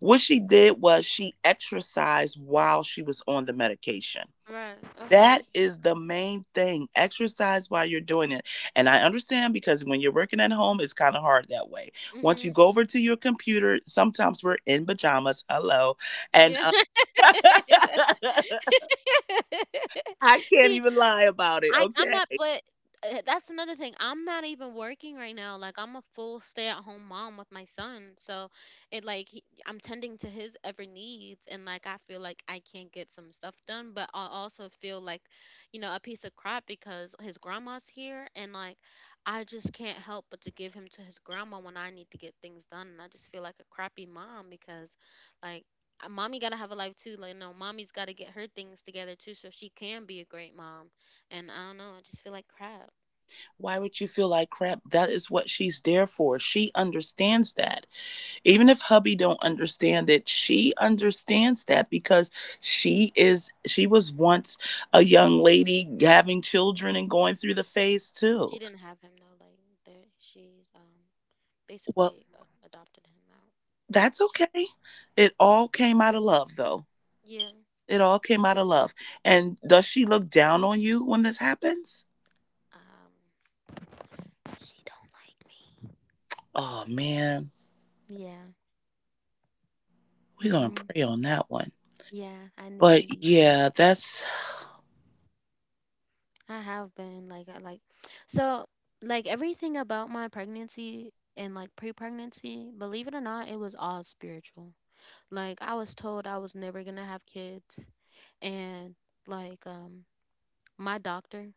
[SPEAKER 2] What she did was she exercised while she was on the medication.
[SPEAKER 1] Right. Okay.
[SPEAKER 2] That is the main thing. Exercise while you're doing it. And I understand because when you're working at home, it's kind of hard that way. Once you
[SPEAKER 1] Mhm.
[SPEAKER 2] go over to your computer, sometimes we're in pajamas. Hello. And
[SPEAKER 1] Yeah.
[SPEAKER 2] [laughs]
[SPEAKER 1] [laughs]
[SPEAKER 2] I
[SPEAKER 1] [laughs]
[SPEAKER 2] can't
[SPEAKER 1] See,
[SPEAKER 2] even lie about it.
[SPEAKER 1] I'm
[SPEAKER 2] Okay.
[SPEAKER 1] not, but that's another thing. I'm not even working right now. Like I'm a full stay-at-home mom with my son, so it like he, I'm tending to his every needs, and like I feel like I can't get some stuff done, but I also feel like, a piece of crap because his grandma's here, and like I just can't help but to give him to his grandma when I need to get things done, and I just feel like a crappy mom because, like. Mommy gotta have a life too. Like no, mommy's gotta get her things together too, so she can be a great mom, and I don't know, I just feel like crap.
[SPEAKER 2] Why would you feel like crap? That is what she's there for. She understands that. Even if hubby don't understand it, she understands that because she was once a young lady having children and going through the phase too.
[SPEAKER 1] She didn't have him though. Like there, she
[SPEAKER 2] Well,
[SPEAKER 1] basically adopted him out.
[SPEAKER 2] that's
[SPEAKER 1] She,
[SPEAKER 2] okay. It all came out of love though.
[SPEAKER 1] yeah.
[SPEAKER 2] It all came out of love. And does she look down on you when this happens?
[SPEAKER 1] Um. She don't like me.
[SPEAKER 2] Oh man,
[SPEAKER 1] Yeah.
[SPEAKER 2] we're gonna
[SPEAKER 1] Mhm.
[SPEAKER 2] pray on that one.
[SPEAKER 1] Yeah. I need. I
[SPEAKER 2] But
[SPEAKER 1] need to.
[SPEAKER 2] yeah, that's
[SPEAKER 1] I have been like I like. So like everything about my pregnancy and like pre-pregnancy, believe it or not, it was all spiritual. Like I was told I was never gonna have kids, and like my doctor,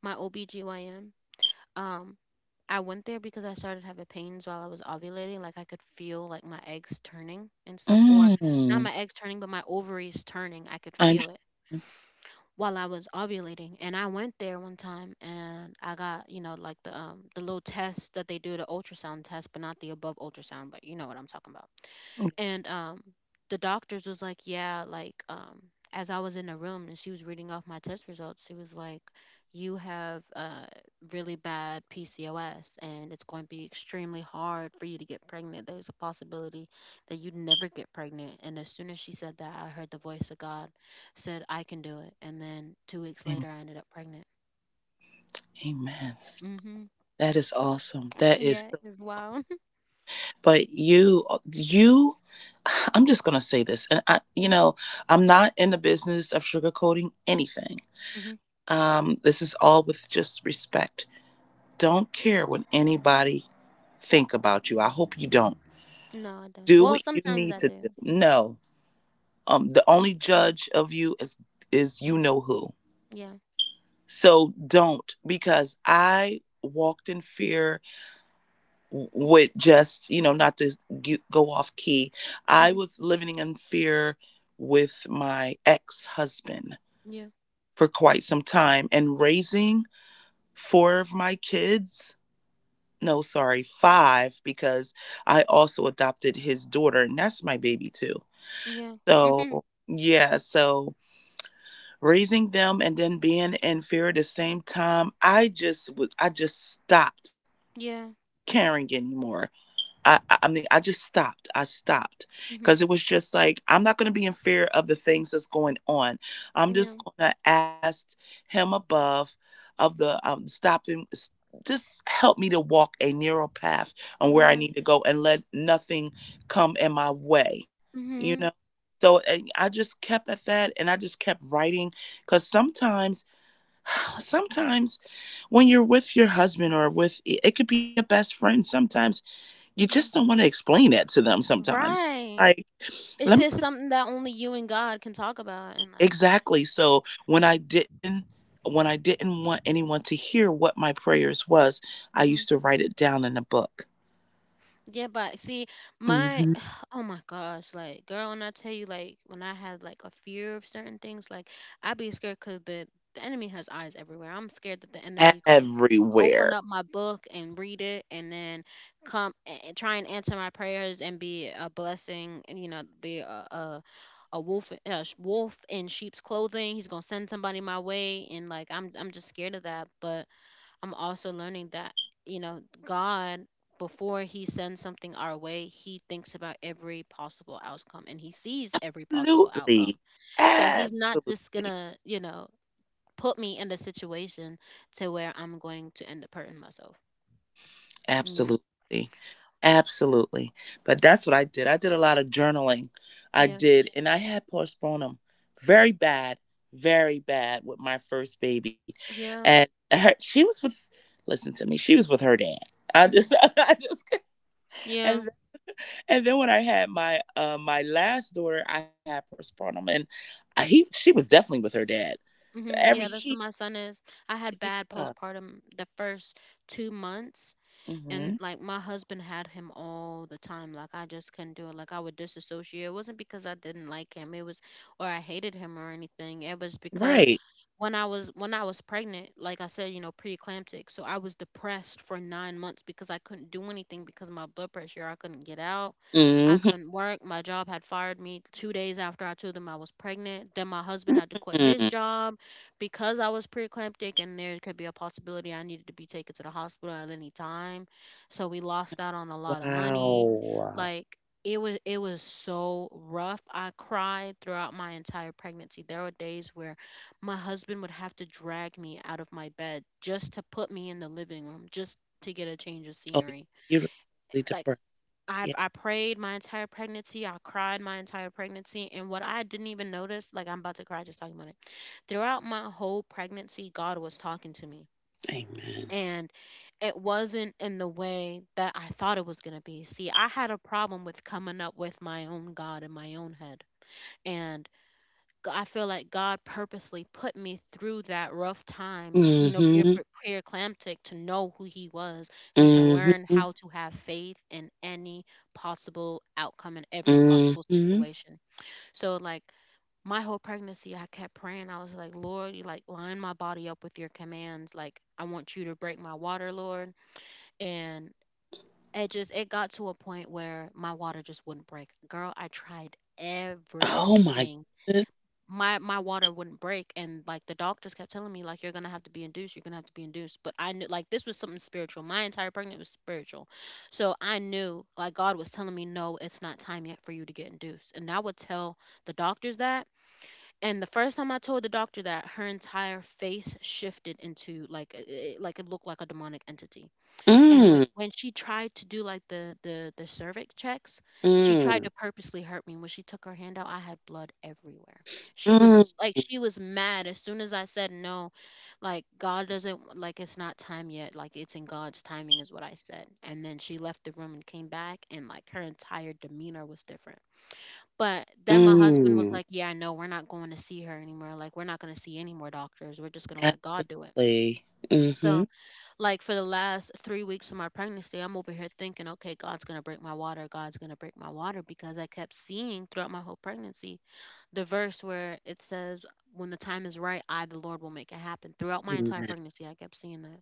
[SPEAKER 1] my OBGYN, um I went there because I started having pains while I was ovulating. Like I could feel like my eggs turning and stuff, or not
[SPEAKER 2] mm,
[SPEAKER 1] my eggs turning, but my ovaries turning. I could
[SPEAKER 2] I am.
[SPEAKER 1] feel it while I was ovulating. And I went there one time and I got, like the little test that they do, the ultrasound test, but not the above ultrasound, but you know what I'm talking about. And the doctors was like, yeah, like as I was in the room and she was reading off my test results, she was like, you have really bad PCOS and it's going to be extremely hard for you to get pregnant. There's a possibility that you'd never get pregnant. And as soon as she said that, I heard the voice of God, said I can do it. And then 2 weeks
[SPEAKER 2] Amen.
[SPEAKER 1] later, I ended up pregnant.
[SPEAKER 2] Amen.
[SPEAKER 1] Mhm.
[SPEAKER 2] That is awesome. That is
[SPEAKER 1] Yeah,
[SPEAKER 2] so.
[SPEAKER 1] it's wild.
[SPEAKER 2] But you you [sighs] I'm just going to say this and I you know I'm not in the business of sugarcoating anything.
[SPEAKER 1] [laughs] Mhm.
[SPEAKER 2] Um, this is all with just respect. Don't care what anybody think about you. I hope you don't
[SPEAKER 1] No, I don't.
[SPEAKER 2] do
[SPEAKER 1] Well,
[SPEAKER 2] what you
[SPEAKER 1] sometimes
[SPEAKER 2] need
[SPEAKER 1] I
[SPEAKER 2] to do.
[SPEAKER 1] do.
[SPEAKER 2] No, um, the only judge of you is you know who.
[SPEAKER 1] Yeah.
[SPEAKER 2] So don't, because I walked in fear with just, you know, not to go off key. I
[SPEAKER 1] Mhm.
[SPEAKER 2] was living in fear with my ex-husband
[SPEAKER 1] Yeah.
[SPEAKER 2] for quite some time and raising four of my kids. No, sorry, five, because I also adopted his daughter and that's my baby too.
[SPEAKER 1] Yeah. Mhm.
[SPEAKER 2] So yeah, so raising them and then being in fear at the same time, I just stopped
[SPEAKER 1] Yeah.
[SPEAKER 2] caring anymore. I just stopped. I stopped because
[SPEAKER 1] Mhm.
[SPEAKER 2] it was just like, I'm not going to be in fear of the things that's going on. I'm just
[SPEAKER 1] Yeah.
[SPEAKER 2] going to ask him above of the just help me to walk a narrow path on where I
[SPEAKER 1] Right.
[SPEAKER 2] need to go and let nothing come in my way, you know?
[SPEAKER 1] Mhm.
[SPEAKER 2] So and I just kept at that and I just kept writing because sometimes, [sighs] sometimes when you're with your husband or with, it could be a best friend sometimes, you just
[SPEAKER 1] Yeah.
[SPEAKER 2] don't want to explain that to them sometimes.
[SPEAKER 1] Right.
[SPEAKER 2] Like,
[SPEAKER 1] It's
[SPEAKER 2] let me
[SPEAKER 1] just something that only you and God can talk about and like.
[SPEAKER 2] Exactly. So when I didn't want anyone to hear what my prayers was, I used to write it down in a book.
[SPEAKER 1] Yeah, but see, my
[SPEAKER 2] Hmm.
[SPEAKER 1] [sighs] oh my gosh, like girl, when I tell you, like when I had like a fear of certain things, like I'd be scared because the enemy has eyes everywhere. I'm scared that the enemy gonna open
[SPEAKER 2] Everywhere.
[SPEAKER 1] up my book and read it, and then come and try and answer my prayers and be a blessing, and be a wolf in sheep's clothing. He's gonna send somebody my way, and like I'm just scared of that, but. I'm also learning that, God, before He sends something our way, He thinks about every possible outcome and He sees every possible outcome.
[SPEAKER 2] Absolutely.
[SPEAKER 1] So He's not just going
[SPEAKER 2] Absolutely.
[SPEAKER 1] to, put me in the situation to where I'm going to end up hurting myself. You know?
[SPEAKER 2] Absolutely. Absolutely. But that's what I did. I did a lot of journaling. I
[SPEAKER 1] Yeah.
[SPEAKER 2] did, and I had postpartum very bad, very bad with my first baby.
[SPEAKER 1] Yeah.
[SPEAKER 2] And her, listen to me, she was with her dad. I
[SPEAKER 1] Hmm.
[SPEAKER 2] just, [laughs] I just,
[SPEAKER 1] Yeah.
[SPEAKER 2] and and then when I had my my last daughter, I had postpartum, and I, he she was definitely with her dad.
[SPEAKER 1] Hmm.
[SPEAKER 2] Every
[SPEAKER 1] Yeah. That's
[SPEAKER 2] she,
[SPEAKER 1] what my son is. I had bad
[SPEAKER 2] yeah,
[SPEAKER 1] postpartum the first 2 months, and
[SPEAKER 2] hmm,
[SPEAKER 1] like my husband had him all the time. Like I just couldn't do it. Like I would disassociate. It wasn't because I didn't like him, it was or I hated him or anything. It was because
[SPEAKER 2] right,
[SPEAKER 1] when I was pregnant, like I said, you know, preeclamptic, so I was depressed for 9 months because I couldn't do anything because of my blood pressure. I couldn't get out, I
[SPEAKER 2] hmm,
[SPEAKER 1] couldn't work. My job had fired me 2 days after I told them I was pregnant. Then my husband had to quit his job because I was preeclamptic, and there could be a possibility I needed to be taken to the hospital at any time. So we lost out on a lot of money.
[SPEAKER 2] wow.
[SPEAKER 1] Like it was so rough. I cried throughout my entire pregnancy. There were days where my husband would have to drag me out of my bed just to put me in the living room, just to get a change of
[SPEAKER 2] Oh, yeah.
[SPEAKER 1] scenery.
[SPEAKER 2] You're totally
[SPEAKER 1] Like
[SPEAKER 2] depressed.
[SPEAKER 1] I
[SPEAKER 2] Yeah.
[SPEAKER 1] I prayed my entire pregnancy. I cried my entire pregnancy, and what I didn't even notice, like I'm about to cry just talking about it. Throughout my whole pregnancy, God was talking to me,
[SPEAKER 2] Amen.
[SPEAKER 1] and it wasn't in the way that I thought it was gonna be. See, I had a problem with coming up with my own God in my own head, and G I feel like God purposely put me through that rough time, you know, being
[SPEAKER 2] Mm-hmm.
[SPEAKER 1] pre-eclamptic, to know who He was and to learn
[SPEAKER 2] Mm-hmm.
[SPEAKER 1] how to have faith in any possible outcome in every possible
[SPEAKER 2] Mm-hmm.
[SPEAKER 1] situation. So, like, my whole pregnancy, I kept praying. I was like, Lord, you like line my body up with your commands. Like, I want you to break my water, Lord. And it just it got to a point where my water just wouldn't break. Girl, I tried
[SPEAKER 2] Oh my
[SPEAKER 1] everything.
[SPEAKER 2] goodness.
[SPEAKER 1] My water wouldn't break, and like the doctors kept telling me, like, you're gonna have to be induced, you're gonna have to be induced. But I knew like this was something spiritual. My entire pregnancy was spiritual. So I knew like God was telling me no, it's not time yet for you to get induced. And I would tell the doctors that. And the first time I told the doctor that, her entire face shifted into, like like it looked like a demonic entity. And when,
[SPEAKER 2] Mm.
[SPEAKER 1] when she tried to do like the cervix checks, she tried
[SPEAKER 2] Mm.
[SPEAKER 1] to purposely hurt me. When she took her hand out, I had blood everywhere. She
[SPEAKER 2] Mm.
[SPEAKER 1] was like she was mad as soon as I said no, like God doesn't like it's not time yet, like it's in God's timing is what I said. And then she left the room and came back, and like her entire demeanor was different. But then my husband was
[SPEAKER 2] Mm.
[SPEAKER 1] like, "Yeah, I know. We're not going to see her anymore. Like we're not going to see any more doctors. We're just going to let God do it."
[SPEAKER 2] Absolutely. Mm-hmm.
[SPEAKER 1] So like for the last 3 weeks of my pregnancy, I'm over here thinking, okay, God's going to break my water. God's going to break my water, because I kept seeing throughout my whole pregnancy the verse where it says, when the time is right, I, the Lord, will make it happen. Throughout my entire
[SPEAKER 2] Amen.
[SPEAKER 1] pregnancy, I kept seeing that.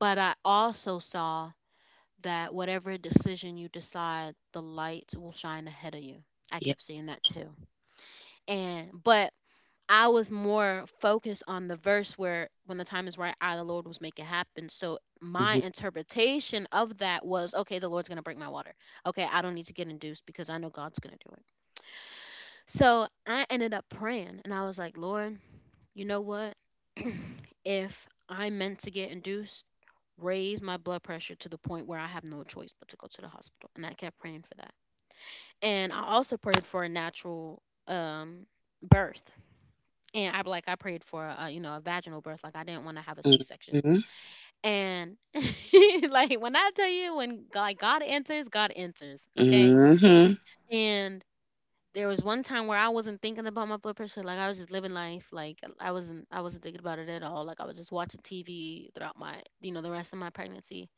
[SPEAKER 1] But I also saw that whatever decision you decide, the light will shine ahead of you. I
[SPEAKER 2] Yeah.
[SPEAKER 1] kept seeing that too. And, but I was more focused on the verse where when the time is right, I, the Lord, was make it happen. So my
[SPEAKER 2] Mm-hmm.
[SPEAKER 1] interpretation of that was, okay, the Lord's going to break my water. Okay, I don't need to get induced because I know God's going to do it. So I ended up praying and I was like, Lord, you know what? If I'm meant to get induced, raise my blood pressure to the point where I have no choice but to go to the hospital. And I kept praying for that. And I also prayed for a natural birth, and I like I prayed for a, you know, a vaginal birth. Like I didn't want to have a C section.
[SPEAKER 2] Mm-hmm.
[SPEAKER 1] And [laughs] like when I tell you, when God, like God enters, okay.
[SPEAKER 2] Mm-hmm.
[SPEAKER 1] And there was one time where I wasn't thinking about my blood pressure, like I was just living life, like I wasn't thinking about it at all, like I was just watching TV throughout my, you know, the rest of my pregnancy.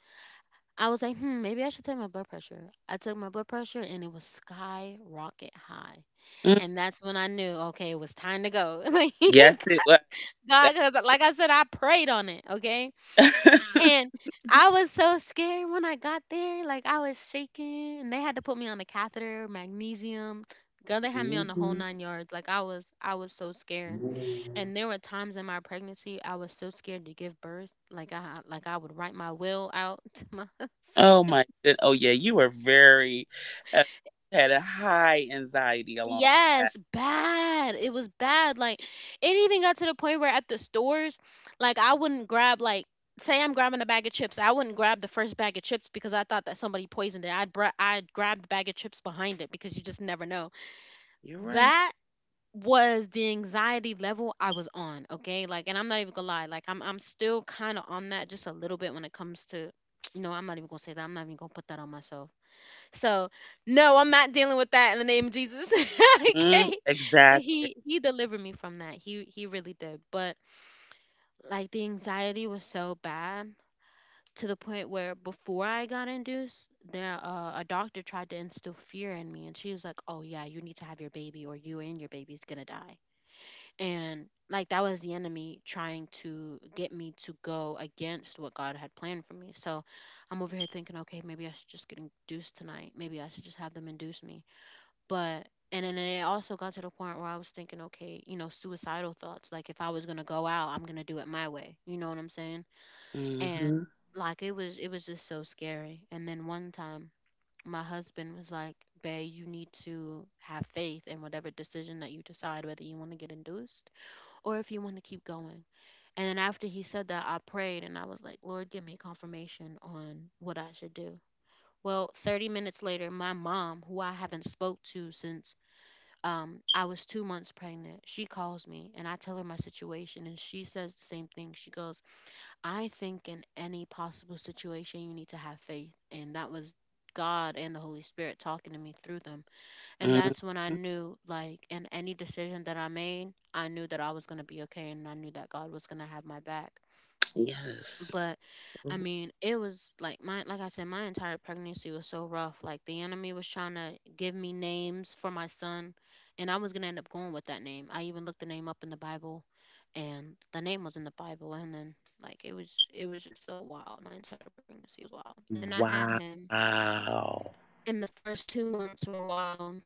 [SPEAKER 1] I was like, hmm, maybe I should take my blood pressure. I took my blood pressure, and it was skyrocket high.
[SPEAKER 2] Mm.
[SPEAKER 1] And that's when I knew, okay, it was time to go. [laughs] Like
[SPEAKER 2] Yes, it was.
[SPEAKER 1] God, because like I said, I prayed on it, okay?
[SPEAKER 2] Definitely.
[SPEAKER 1] And I was so scared when I got there. Like I was shaking, and they had to put me on a catheter, magnesium. Girl, they
[SPEAKER 2] [laughs]
[SPEAKER 1] had me on the whole
[SPEAKER 2] Mm-hmm.
[SPEAKER 1] nine yards. Like I was so scared. And there were times in my pregnancy I was so scared to give birth. Like I would write my will out [laughs] to my
[SPEAKER 2] Oh
[SPEAKER 1] husband.
[SPEAKER 2] my good. Oh yeah, you were very uh, had a high anxiety along with that.
[SPEAKER 1] Yes, bad. It was bad. Like it even got to the point where at the stores, like I wouldn't grab like, say I'm grabbing a bag of chips, I wouldn't grab the first bag of chips because I thought that somebody poisoned it. I'd grab the bag of chips behind it because you just never know.
[SPEAKER 2] You're right.
[SPEAKER 1] That was the anxiety level I was on, okay? Like and I'm not even gonna lie, like I'm still kind of on that just a little bit when it comes to [tsk] you know, I'm not even gonna say that. I'm not even gonna put that on myself. So, no, I'm not dealing with that in the name of Jesus. [laughs]
[SPEAKER 2] Mm,
[SPEAKER 1] Okay.
[SPEAKER 2] exactly.
[SPEAKER 1] He delivered me from that. He really did. But like the anxiety was so bad to the point where before I got induced, there a doctor tried to instill fear in me, and she was like, "Oh yeah, you need to have your baby or you and your baby's going to die." And like that was the enemy trying to get me to go against what God had planned for me. So, I'm over here thinking, "Okay, maybe I should just get induced tonight. Maybe I should just have them induce me." But and then it also got to the point where I was thinking, okay, you know, suicidal thoughts. Like if I was gonna go out, I'm gonna do it my way. You know what I'm saying? And
[SPEAKER 2] Hmm.
[SPEAKER 1] like it was just so scary. And then one time my husband was like, Babe, you need to have faith in whatever decision that you decide, whether you want to get induced or if you want to keep going. And then after he said that, I prayed and I was like, Lord, give me confirmation on what I should do. Well, 30 minutes later, my mom, who I haven't spoke to since I was 2 months pregnant. She calls me and I tell her my situation, and she says the same thing. She goes, I think in any possible situation, you need to have faith. And that was God and the Holy Spirit talking to me through them. And
[SPEAKER 2] Hmm.
[SPEAKER 1] that's when I knew, like, in any decision that I made, I knew that I was going to be okay, and I knew that God was going to have my back.
[SPEAKER 2] Yes.
[SPEAKER 1] But I mean, it was like my like I said, my entire pregnancy was so rough. Like the enemy was trying to give me names for my son, and I was gonna end up going with that name. I even looked the name up in the Bible, and the name was in the Bible. And then like it was just so wild. My entire pregnancy was wild. And then I had
[SPEAKER 2] Wow.
[SPEAKER 1] him, and the first 2 months were wild.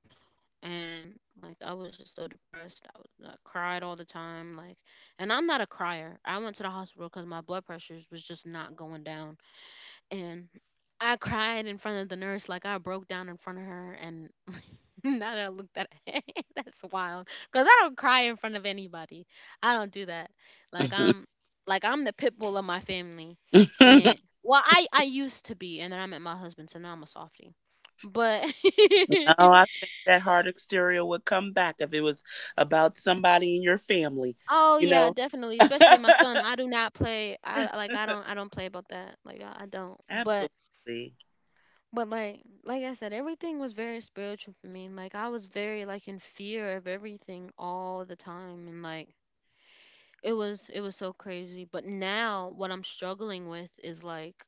[SPEAKER 1] And like I was just so depressed. I cried all the time. Like, and I'm not a crier. I went to the hospital because my blood pressures was just not going down, and I cried in front of the nurse. Like I broke down in front of her. And [laughs] now that I looked at it, [laughs] that's wild. Cause I don't cry in front of anybody. I don't do that. Like
[SPEAKER 2] Mhm.
[SPEAKER 1] I'm, like I'm the pit bull of my family.
[SPEAKER 2] [laughs] No,
[SPEAKER 1] And well, I used to be, and then I met my husband, so now I'm a softie. But [laughs]
[SPEAKER 2] I think that hard exterior would come back if it was about somebody in your family,
[SPEAKER 1] oh
[SPEAKER 2] you
[SPEAKER 1] yeah,
[SPEAKER 2] know?
[SPEAKER 1] definitely. Especially my son. I
[SPEAKER 2] [laughs]
[SPEAKER 1] do not play. I like I don't play about that. Like I don't.
[SPEAKER 2] Absolutely.
[SPEAKER 1] But like I said, everything was very spiritual for me. Like I was very like in fear of everything all the time, and like it was so crazy. But now what I'm struggling with is like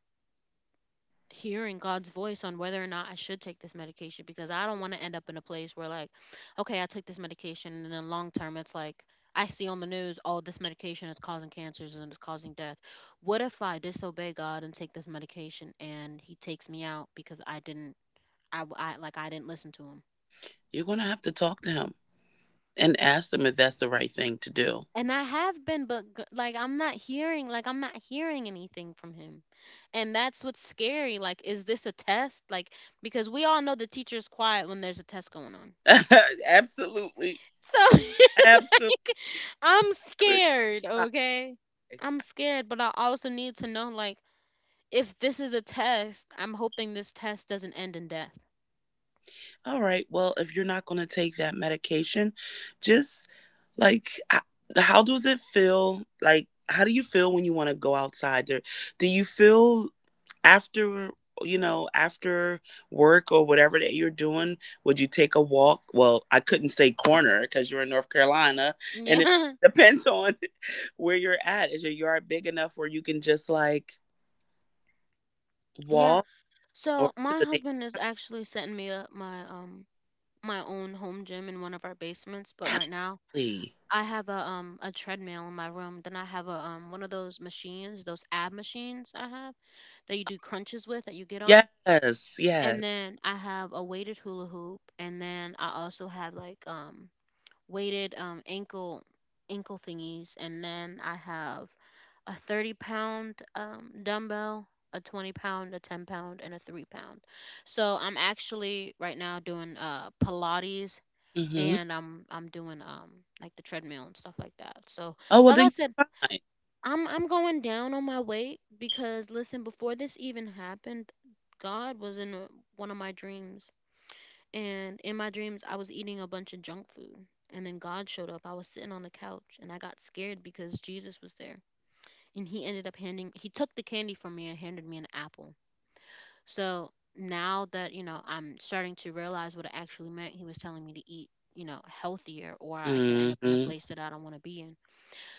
[SPEAKER 1] hearing God's voice on whether or not I should take this medication, because I don't want to end up in a place where, like, okay, I took this medication and in the long term it's like I see on the news, oh, this medication is causing cancers and it's causing death. What if I disobey God and take this medication and He takes me out because I didn't I, w- I- like I didn't listen to him.
[SPEAKER 2] You're going to have to talk to him and ask them if that's the right thing to do.
[SPEAKER 1] And I have been, but I'm not hearing, like I'm not hearing anything from him, and that's what's scary. Like, is this a test? Like, because we all know the teacher's quiet when there's a test going on.
[SPEAKER 2] [laughs] Absolutely.
[SPEAKER 1] So
[SPEAKER 2] Absolutely.
[SPEAKER 1] [laughs] I'm scared. Okay, I'm scared, but I also need to know, like, if this is a test, I'm hoping this test doesn't end in death.
[SPEAKER 2] All right. Well, if you're not going to take that medication, just like how does it feel? Like how do you feel when you want to go outside? There, do you feel after you know after work or whatever that you're doing? Would you take a walk? Well, I couldn't say corner because you're in North Carolina, and it
[SPEAKER 1] Yeah. [laughs]
[SPEAKER 2] depends on [laughs] where you're at. Is your yard big enough where you can just like
[SPEAKER 1] Yeah.
[SPEAKER 2] walk or
[SPEAKER 1] So
[SPEAKER 2] to
[SPEAKER 1] my
[SPEAKER 2] the
[SPEAKER 1] husband is actually setting me up my my own home gym in one of our basements, but
[SPEAKER 2] neighbor?
[SPEAKER 1] right
[SPEAKER 2] Absolutely.
[SPEAKER 1] now I have a treadmill in my room. Then I have a one of those machines, those ab machines I have that you do crunches with that you get on.
[SPEAKER 2] Yes. Yes.
[SPEAKER 1] And then I have a weighted hula hoop, and then I also have like weighted ankle thingies, and then I have a 30 pound dumbbell, a 20 pound, a 10 pound and a 3 pound. So I'm actually right now doing Pilates
[SPEAKER 2] hmm
[SPEAKER 1] and I'm doing like the treadmill and stuff like that. So
[SPEAKER 2] Oh, well,
[SPEAKER 1] like I
[SPEAKER 2] then
[SPEAKER 1] said,
[SPEAKER 2] you're fine.
[SPEAKER 1] I'm going down on my weight because, listen, before this even happened, God was in one of my dreams, and in my dreams I was eating a bunch of junk food. And then God showed up. I was sitting on the couch and I got scared because Jesus was there. And he ended up handing, he took the candy from me and handed me an apple. So now that, I'm starting to realize what it actually meant. He was telling me to eat, healthier, or I could end up in a
[SPEAKER 2] Mm-hmm.
[SPEAKER 1] place that I don't want to be in.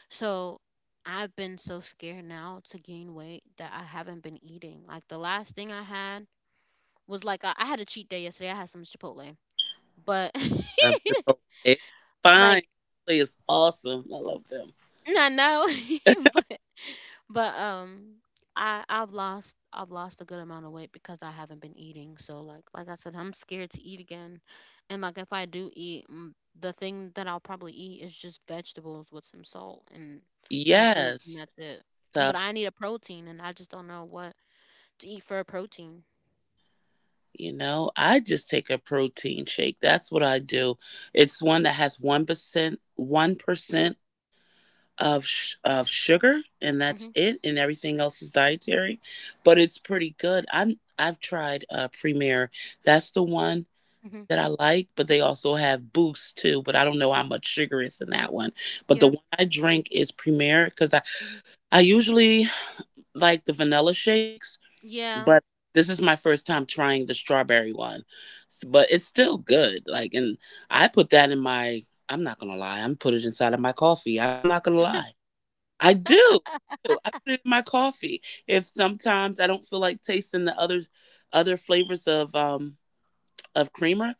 [SPEAKER 1] So I've been so scared now to gain weight that I haven't been eating. Like, the last thing I had was like I had a cheat day yesterday. I had some Chipotle. But [laughs]
[SPEAKER 2] Love Chipotle. It's fine.
[SPEAKER 1] like
[SPEAKER 2] Chipotle is awesome. I love them.
[SPEAKER 1] not now, [laughs]
[SPEAKER 2] [laughs]
[SPEAKER 1] but but I've lost a good amount of weight because I haven't been eating. So like I said, I'm scared to eat again. And like if I do eat, the thing that I'll probably eat is just vegetables with some salt and some fruits, and
[SPEAKER 2] Yes.
[SPEAKER 1] that's it. But I
[SPEAKER 2] Subs.
[SPEAKER 1] need a protein and I just don't know what to eat for a protein.
[SPEAKER 2] You know, I just take a protein shake. That's what I do. It's one that has 1%, 1% of of sugar, and that's
[SPEAKER 1] Mhm.
[SPEAKER 2] it and everything else is dietary, but it's pretty good. I've tried Premier. That's the one that
[SPEAKER 1] Mhm.
[SPEAKER 2] I like, but they also have Boost too, but I don't know how much sugar is in that one. But the
[SPEAKER 1] Yeah.
[SPEAKER 2] one I drink is Premier because i
[SPEAKER 1] Mhm.
[SPEAKER 2] i usually like the vanilla shakes, but
[SPEAKER 1] Yeah.
[SPEAKER 2] this is my first time trying the strawberry one. But it's still good, like, and I put that in my I'm not gonna lie, I'm put it inside of my coffee. I'm not gonna lie, I do. I put it in my coffee. If sometimes I don't feel like tasting the other flavors of creamer,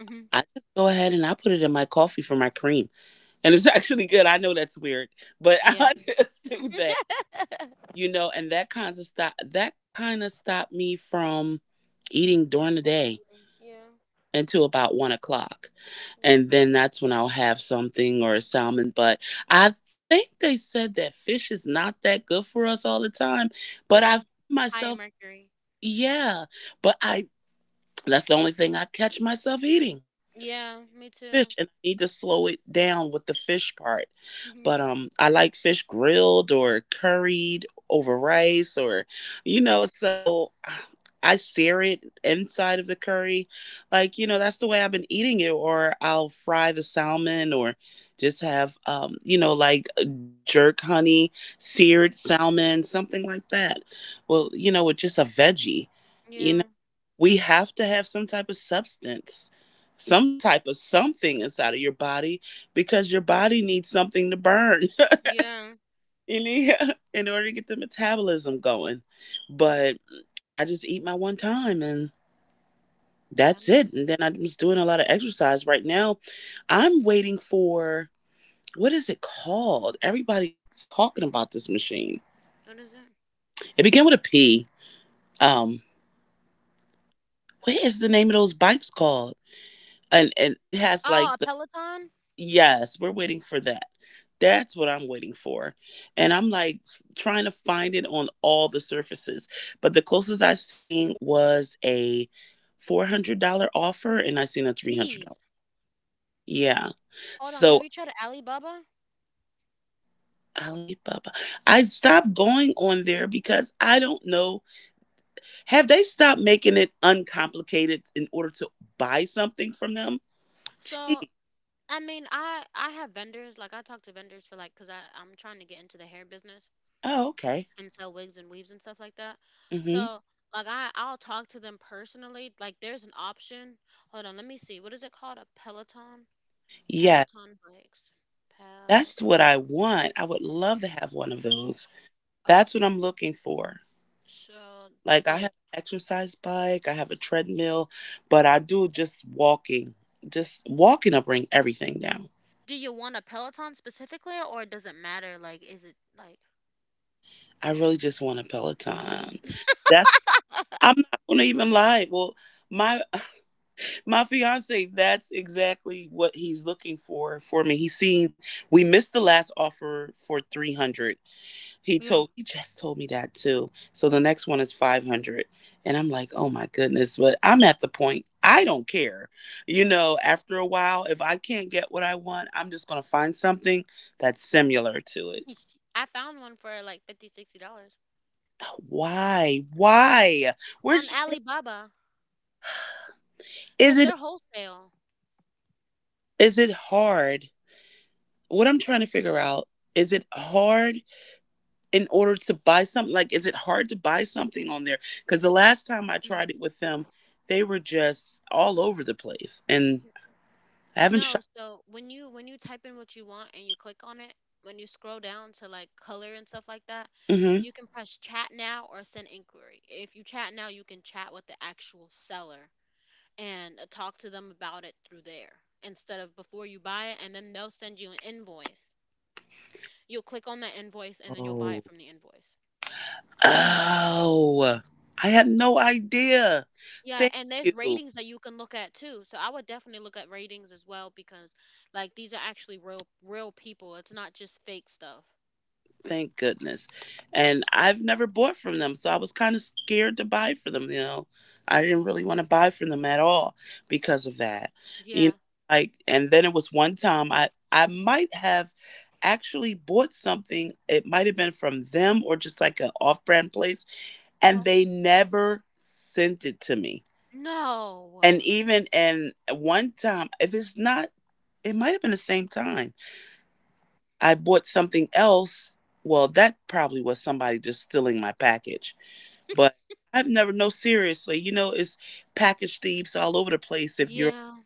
[SPEAKER 1] Mhm.
[SPEAKER 2] I just go ahead and I put it in my coffee for my cream. And it's [laughs] actually good. I know that's weird, but [laughs]
[SPEAKER 1] Yeah.
[SPEAKER 2] I just
[SPEAKER 1] [laughs]
[SPEAKER 2] do that. You know, and that kind of stopped me from eating during the day
[SPEAKER 1] Overeating. Yeah.
[SPEAKER 2] until about 1 o'clock.
[SPEAKER 1] Yeah.
[SPEAKER 2] And then that's when I'll have something, or a salmon. But I think they said that fish is not that good for us all the time. But I find
[SPEAKER 1] Yeah. High in
[SPEAKER 2] myself,
[SPEAKER 1] mercury.
[SPEAKER 2] yeah, but that's the only thing I catch myself eating,
[SPEAKER 1] Yeah, me
[SPEAKER 2] fish,
[SPEAKER 1] too.
[SPEAKER 2] and I need to slow it down with the fish part. But
[SPEAKER 1] Mhm.
[SPEAKER 2] I like fish grilled or curried over rice, or you
[SPEAKER 1] That
[SPEAKER 2] know,
[SPEAKER 1] sounds good.
[SPEAKER 2] so [sighs] I sear it inside of the curry. Like, you know, that's the way I've been eating it, or I'll fry the salmon or just have you know, like jerk honey,
[SPEAKER 1] Hmm. Hmm.
[SPEAKER 2] seared salmon, something like that. Well, you know, with just a veggie. You
[SPEAKER 1] Yeah.
[SPEAKER 2] know, we have to have some type of substance, some type of something inside of your body, because your body needs something to burn
[SPEAKER 1] Yeah.
[SPEAKER 2] [laughs] in order to get the metabolism going. But I just eat my one time, and
[SPEAKER 1] Yeah, I
[SPEAKER 2] that's
[SPEAKER 1] need to.
[SPEAKER 2] it, and then I'm just doing a lot of exercise right now. I'm waiting for, what is it called, everybody's talking about this machine.
[SPEAKER 1] What is it?
[SPEAKER 2] It began with a P. um what is the name of those bikes called? And it has
[SPEAKER 1] Oh,
[SPEAKER 2] like
[SPEAKER 1] a
[SPEAKER 2] the—
[SPEAKER 1] Peloton?
[SPEAKER 2] Yes, we're waiting for that. That's what I'm waiting for. And I'm like, trying to find it on all the surfaces. But the closest I seen was a $400 offer, and I seen a $300.
[SPEAKER 1] Jeez.
[SPEAKER 2] Yeah.
[SPEAKER 1] Hold on. Have
[SPEAKER 2] So
[SPEAKER 1] you tried Alibaba?
[SPEAKER 2] Alibaba. I stopped going on there because I don't know. Have they stopped making it uncomplicated in order to buy something from them?
[SPEAKER 1] So, I mean, I have vendors. Like, I talk to vendors for like, cause I I'm trying to get into the hair business
[SPEAKER 2] Oh, okay.
[SPEAKER 1] and sell wigs and weaves and stuff like that.
[SPEAKER 2] Mm-hmm.
[SPEAKER 1] So, like, I I'll talk to them personally. Like, there's an option. Hold on. Let me see. What is it called? A Peloton?
[SPEAKER 2] Yeah,
[SPEAKER 1] Peloton bikes.
[SPEAKER 2] that's what I
[SPEAKER 1] Peloton
[SPEAKER 2] want. I would love to
[SPEAKER 1] bike.
[SPEAKER 2] have one of those. That's what
[SPEAKER 1] Okay.
[SPEAKER 2] I'm looking for.
[SPEAKER 1] So,
[SPEAKER 2] Like I have
[SPEAKER 1] like.
[SPEAKER 2] an exercise bike, I have a treadmill, but I do just walking. Just walking will bring everything down.
[SPEAKER 1] Do you want a Peloton specifically, or does it matter? Like, is it like
[SPEAKER 2] I really just want a Peloton. That's— I'm
[SPEAKER 1] [laughs]
[SPEAKER 2] not gonna even lie. Well, my [laughs] my fiance, that's exactly what he's looking for me. He's seen— we missed the last offer for 300.
[SPEAKER 1] Yeah.
[SPEAKER 2] He just told me that too. So the next one is 500, and I'm like, "Oh my goodness, but I'm at the point I don't care." You know, after a while if I can't get what I want, I'm just going to find something that's similar to it.
[SPEAKER 1] I found one for like 50, $60
[SPEAKER 2] Why? Why?
[SPEAKER 1] on
[SPEAKER 2] Where's—
[SPEAKER 1] Alibaba
[SPEAKER 2] is
[SPEAKER 1] because
[SPEAKER 2] it
[SPEAKER 1] they're wholesale.
[SPEAKER 2] is it hard? What I'm trying to figure out, is it hard in order to buy something? Like, is it hard to buy something on there? Because the last time I
[SPEAKER 1] No,
[SPEAKER 2] tried it with them, they were just all over the place. And I haven't
[SPEAKER 1] no.
[SPEAKER 2] shot.
[SPEAKER 1] So when you, when you type in what you want and you click on it, when you scroll down to like color and stuff like that,
[SPEAKER 2] hmm
[SPEAKER 1] you can press chat now or send inquiry. If you chat now, you can chat with the actual seller and talk to them about it through there instead of before you buy it, and then they'll send you an invoice. You'll click on that invoice and then you'll buy
[SPEAKER 2] Oh.
[SPEAKER 1] it from the invoice.
[SPEAKER 2] Oh, I had no idea.
[SPEAKER 1] Yeah,
[SPEAKER 2] Thank
[SPEAKER 1] and there's
[SPEAKER 2] you.
[SPEAKER 1] ratings that you can look at too. So I would definitely look at ratings as well because like these are actually real people. It's not just fake stuff.
[SPEAKER 2] Thank goodness. And I've never bought from them, so I was kind of scared to buy for them. You know, I didn't really want to buy from them at all because of that. You
[SPEAKER 1] Yeah.
[SPEAKER 2] know, like, and then it was one time I might have actually bought something. It might have been from them, or just like an off brand place, and
[SPEAKER 1] Uh-huh.
[SPEAKER 2] they never sent it to me.
[SPEAKER 1] No.
[SPEAKER 2] And even in one time, if it's not, it might have been the same time. I bought something else. Well, that probably was somebody just stealing my package. But I've never, no, seriously, you know, it's package thieves all over the place if you're,
[SPEAKER 1] Yeah.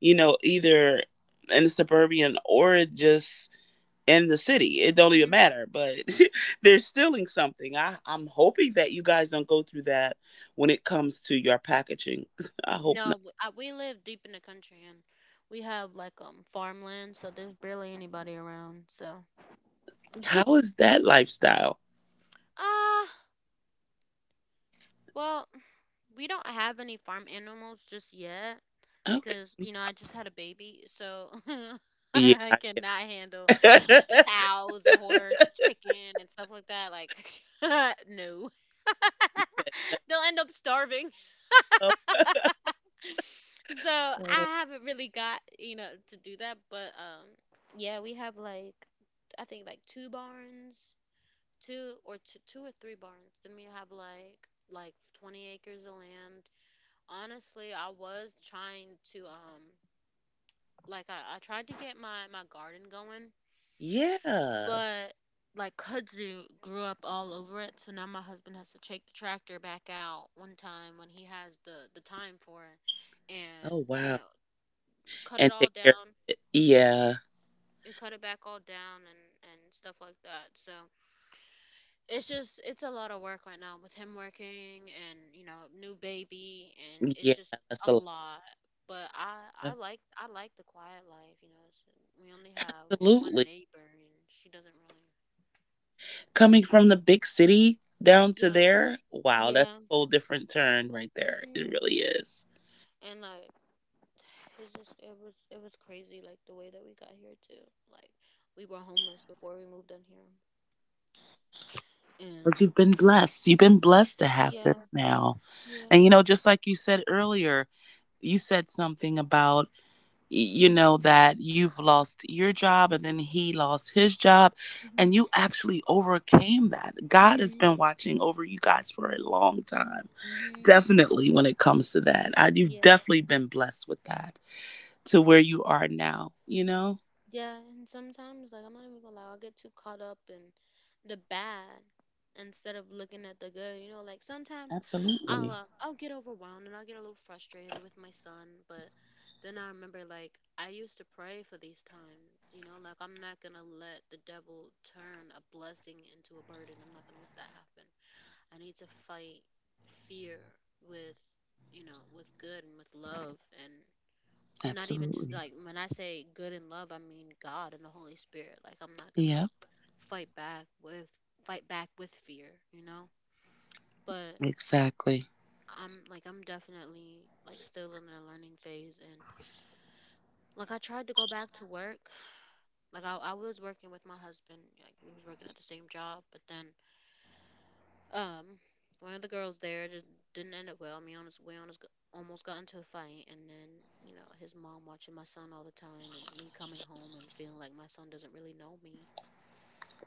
[SPEAKER 2] you know, either in the suburban or just in the city. It don't even
[SPEAKER 1] Hmm.
[SPEAKER 2] matter, but [laughs] they're stealing something. I'm hoping that you guys don't go through that when it comes to your packaging. [laughs] I hope
[SPEAKER 1] No,
[SPEAKER 2] not.
[SPEAKER 1] w- I, we live deep in the country, and we have like farmland, so there's barely anybody around. So,
[SPEAKER 2] How
[SPEAKER 1] [laughs]
[SPEAKER 2] is that lifestyle?
[SPEAKER 1] ah, well, we don't have any farm animals just yet,
[SPEAKER 2] Okay.
[SPEAKER 1] because you know I just had a baby, so [laughs]
[SPEAKER 2] Yeah.
[SPEAKER 1] I cannot handle
[SPEAKER 2] [laughs]
[SPEAKER 1] a cows, a horse, chicken, and stuff like that. Like, [laughs] no,
[SPEAKER 2] You said,
[SPEAKER 1] [laughs] they'll end up starving.
[SPEAKER 2] oh,
[SPEAKER 1] [laughs] So
[SPEAKER 2] uh,
[SPEAKER 1] I haven't really got, you know, to do that, but yeah, we have like I think like two barns, two or three barns. Then we have like 20 acres of land. Honestly, I was trying to like I tried to get my my garden going,
[SPEAKER 2] yeah.
[SPEAKER 1] but like kudzu grew up all over it, so now my husband has to take the tractor back out one time when he has the time for it, and,
[SPEAKER 2] Oh,
[SPEAKER 1] you
[SPEAKER 2] wow.
[SPEAKER 1] know, cut it
[SPEAKER 2] And
[SPEAKER 1] all
[SPEAKER 2] take care.
[SPEAKER 1] down.
[SPEAKER 2] Yeah.
[SPEAKER 1] We cut it back all down and stuff like that. So it's just, it's a lot of work right now with him working and, you know, new baby, and it's
[SPEAKER 2] Yeah.
[SPEAKER 1] just a
[SPEAKER 2] That's a lot.
[SPEAKER 1] lot. But I like, I like the quiet life, you know. It's, we only have one
[SPEAKER 2] Absolutely.
[SPEAKER 1] neighbor and she doesn't really barely
[SPEAKER 2] Coming
[SPEAKER 1] talk.
[SPEAKER 2] from the big city down to
[SPEAKER 1] Yeah.
[SPEAKER 2] there. Wow. That's
[SPEAKER 1] Yeah.
[SPEAKER 2] a whole different turn right there. It
[SPEAKER 1] Mhm.
[SPEAKER 2] really is.
[SPEAKER 1] And like, it's just, it was crazy like the way that we got here too. Like, we were homeless before we moved in here, and
[SPEAKER 2] But you've been blessed. You've been blessed to have
[SPEAKER 1] yeah.
[SPEAKER 2] this now.
[SPEAKER 1] Yeah.
[SPEAKER 2] And, you know, just like you said earlier, you said something about, you know, that you've lost your job and then he lost his job, and
[SPEAKER 1] Mhm.
[SPEAKER 2] you actually overcame that. God has
[SPEAKER 1] Mhm.
[SPEAKER 2] been watching over you guys for a long time.
[SPEAKER 1] Mhm.
[SPEAKER 2] Definitely when it comes to that. You've
[SPEAKER 1] Yeah.
[SPEAKER 2] definitely been blessed with that to where you are now, you know.
[SPEAKER 1] Yeah, and sometimes, like, I'm not even gonna lie, I'll get too caught up in the bad instead of looking at the good. You know, like sometimes
[SPEAKER 2] Absolutely.
[SPEAKER 1] I'll get overwhelmed and I'll get a little frustrated with my son, but then I remember like I used to pray for these times. You know, like, I'm not gonna let the devil turn a blessing into a burden. I'm not gonna let that happen. I need to fight fear with, you know, with good and with love, and and not even just
[SPEAKER 2] Absolutely.
[SPEAKER 1] like when I say good in love, I mean God and the Holy Spirit. Like, I'm not gonna
[SPEAKER 2] Yep.
[SPEAKER 1] fight back with fight back with fear, you know. But
[SPEAKER 2] Exactly.
[SPEAKER 1] I'm like, I'm definitely like still in a learning phase, and like I tried to go back to work. Like I was working with my husband, like we was working at the same job, but then um one of the girls there just didn't end up well. I mean, honest, we honest, almost got into a fight, and then, you know, his mom watching my son all the time and me coming home and feeling like my son doesn't really know me,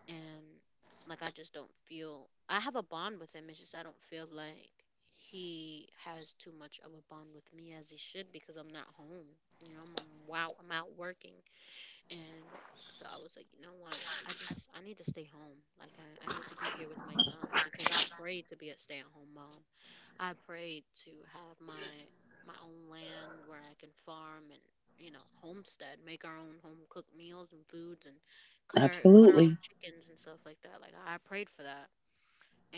[SPEAKER 1] and like I just don't feel I have a bond with him. It's just I don't feel like he has too much of a bond with me as he should because I'm not home. You know, I'm wow, I'm out working, and so I was like, you know what? I just, I need to stay home. Like I need to be here with my son because I prayed to be a stay at home mom. I prayed to have my my own land where I can farm and, you know, homestead, make our own home cooked meals and foods, and cut our own
[SPEAKER 2] Absolutely.
[SPEAKER 1] chickens and stuff like that. Like, I prayed for that,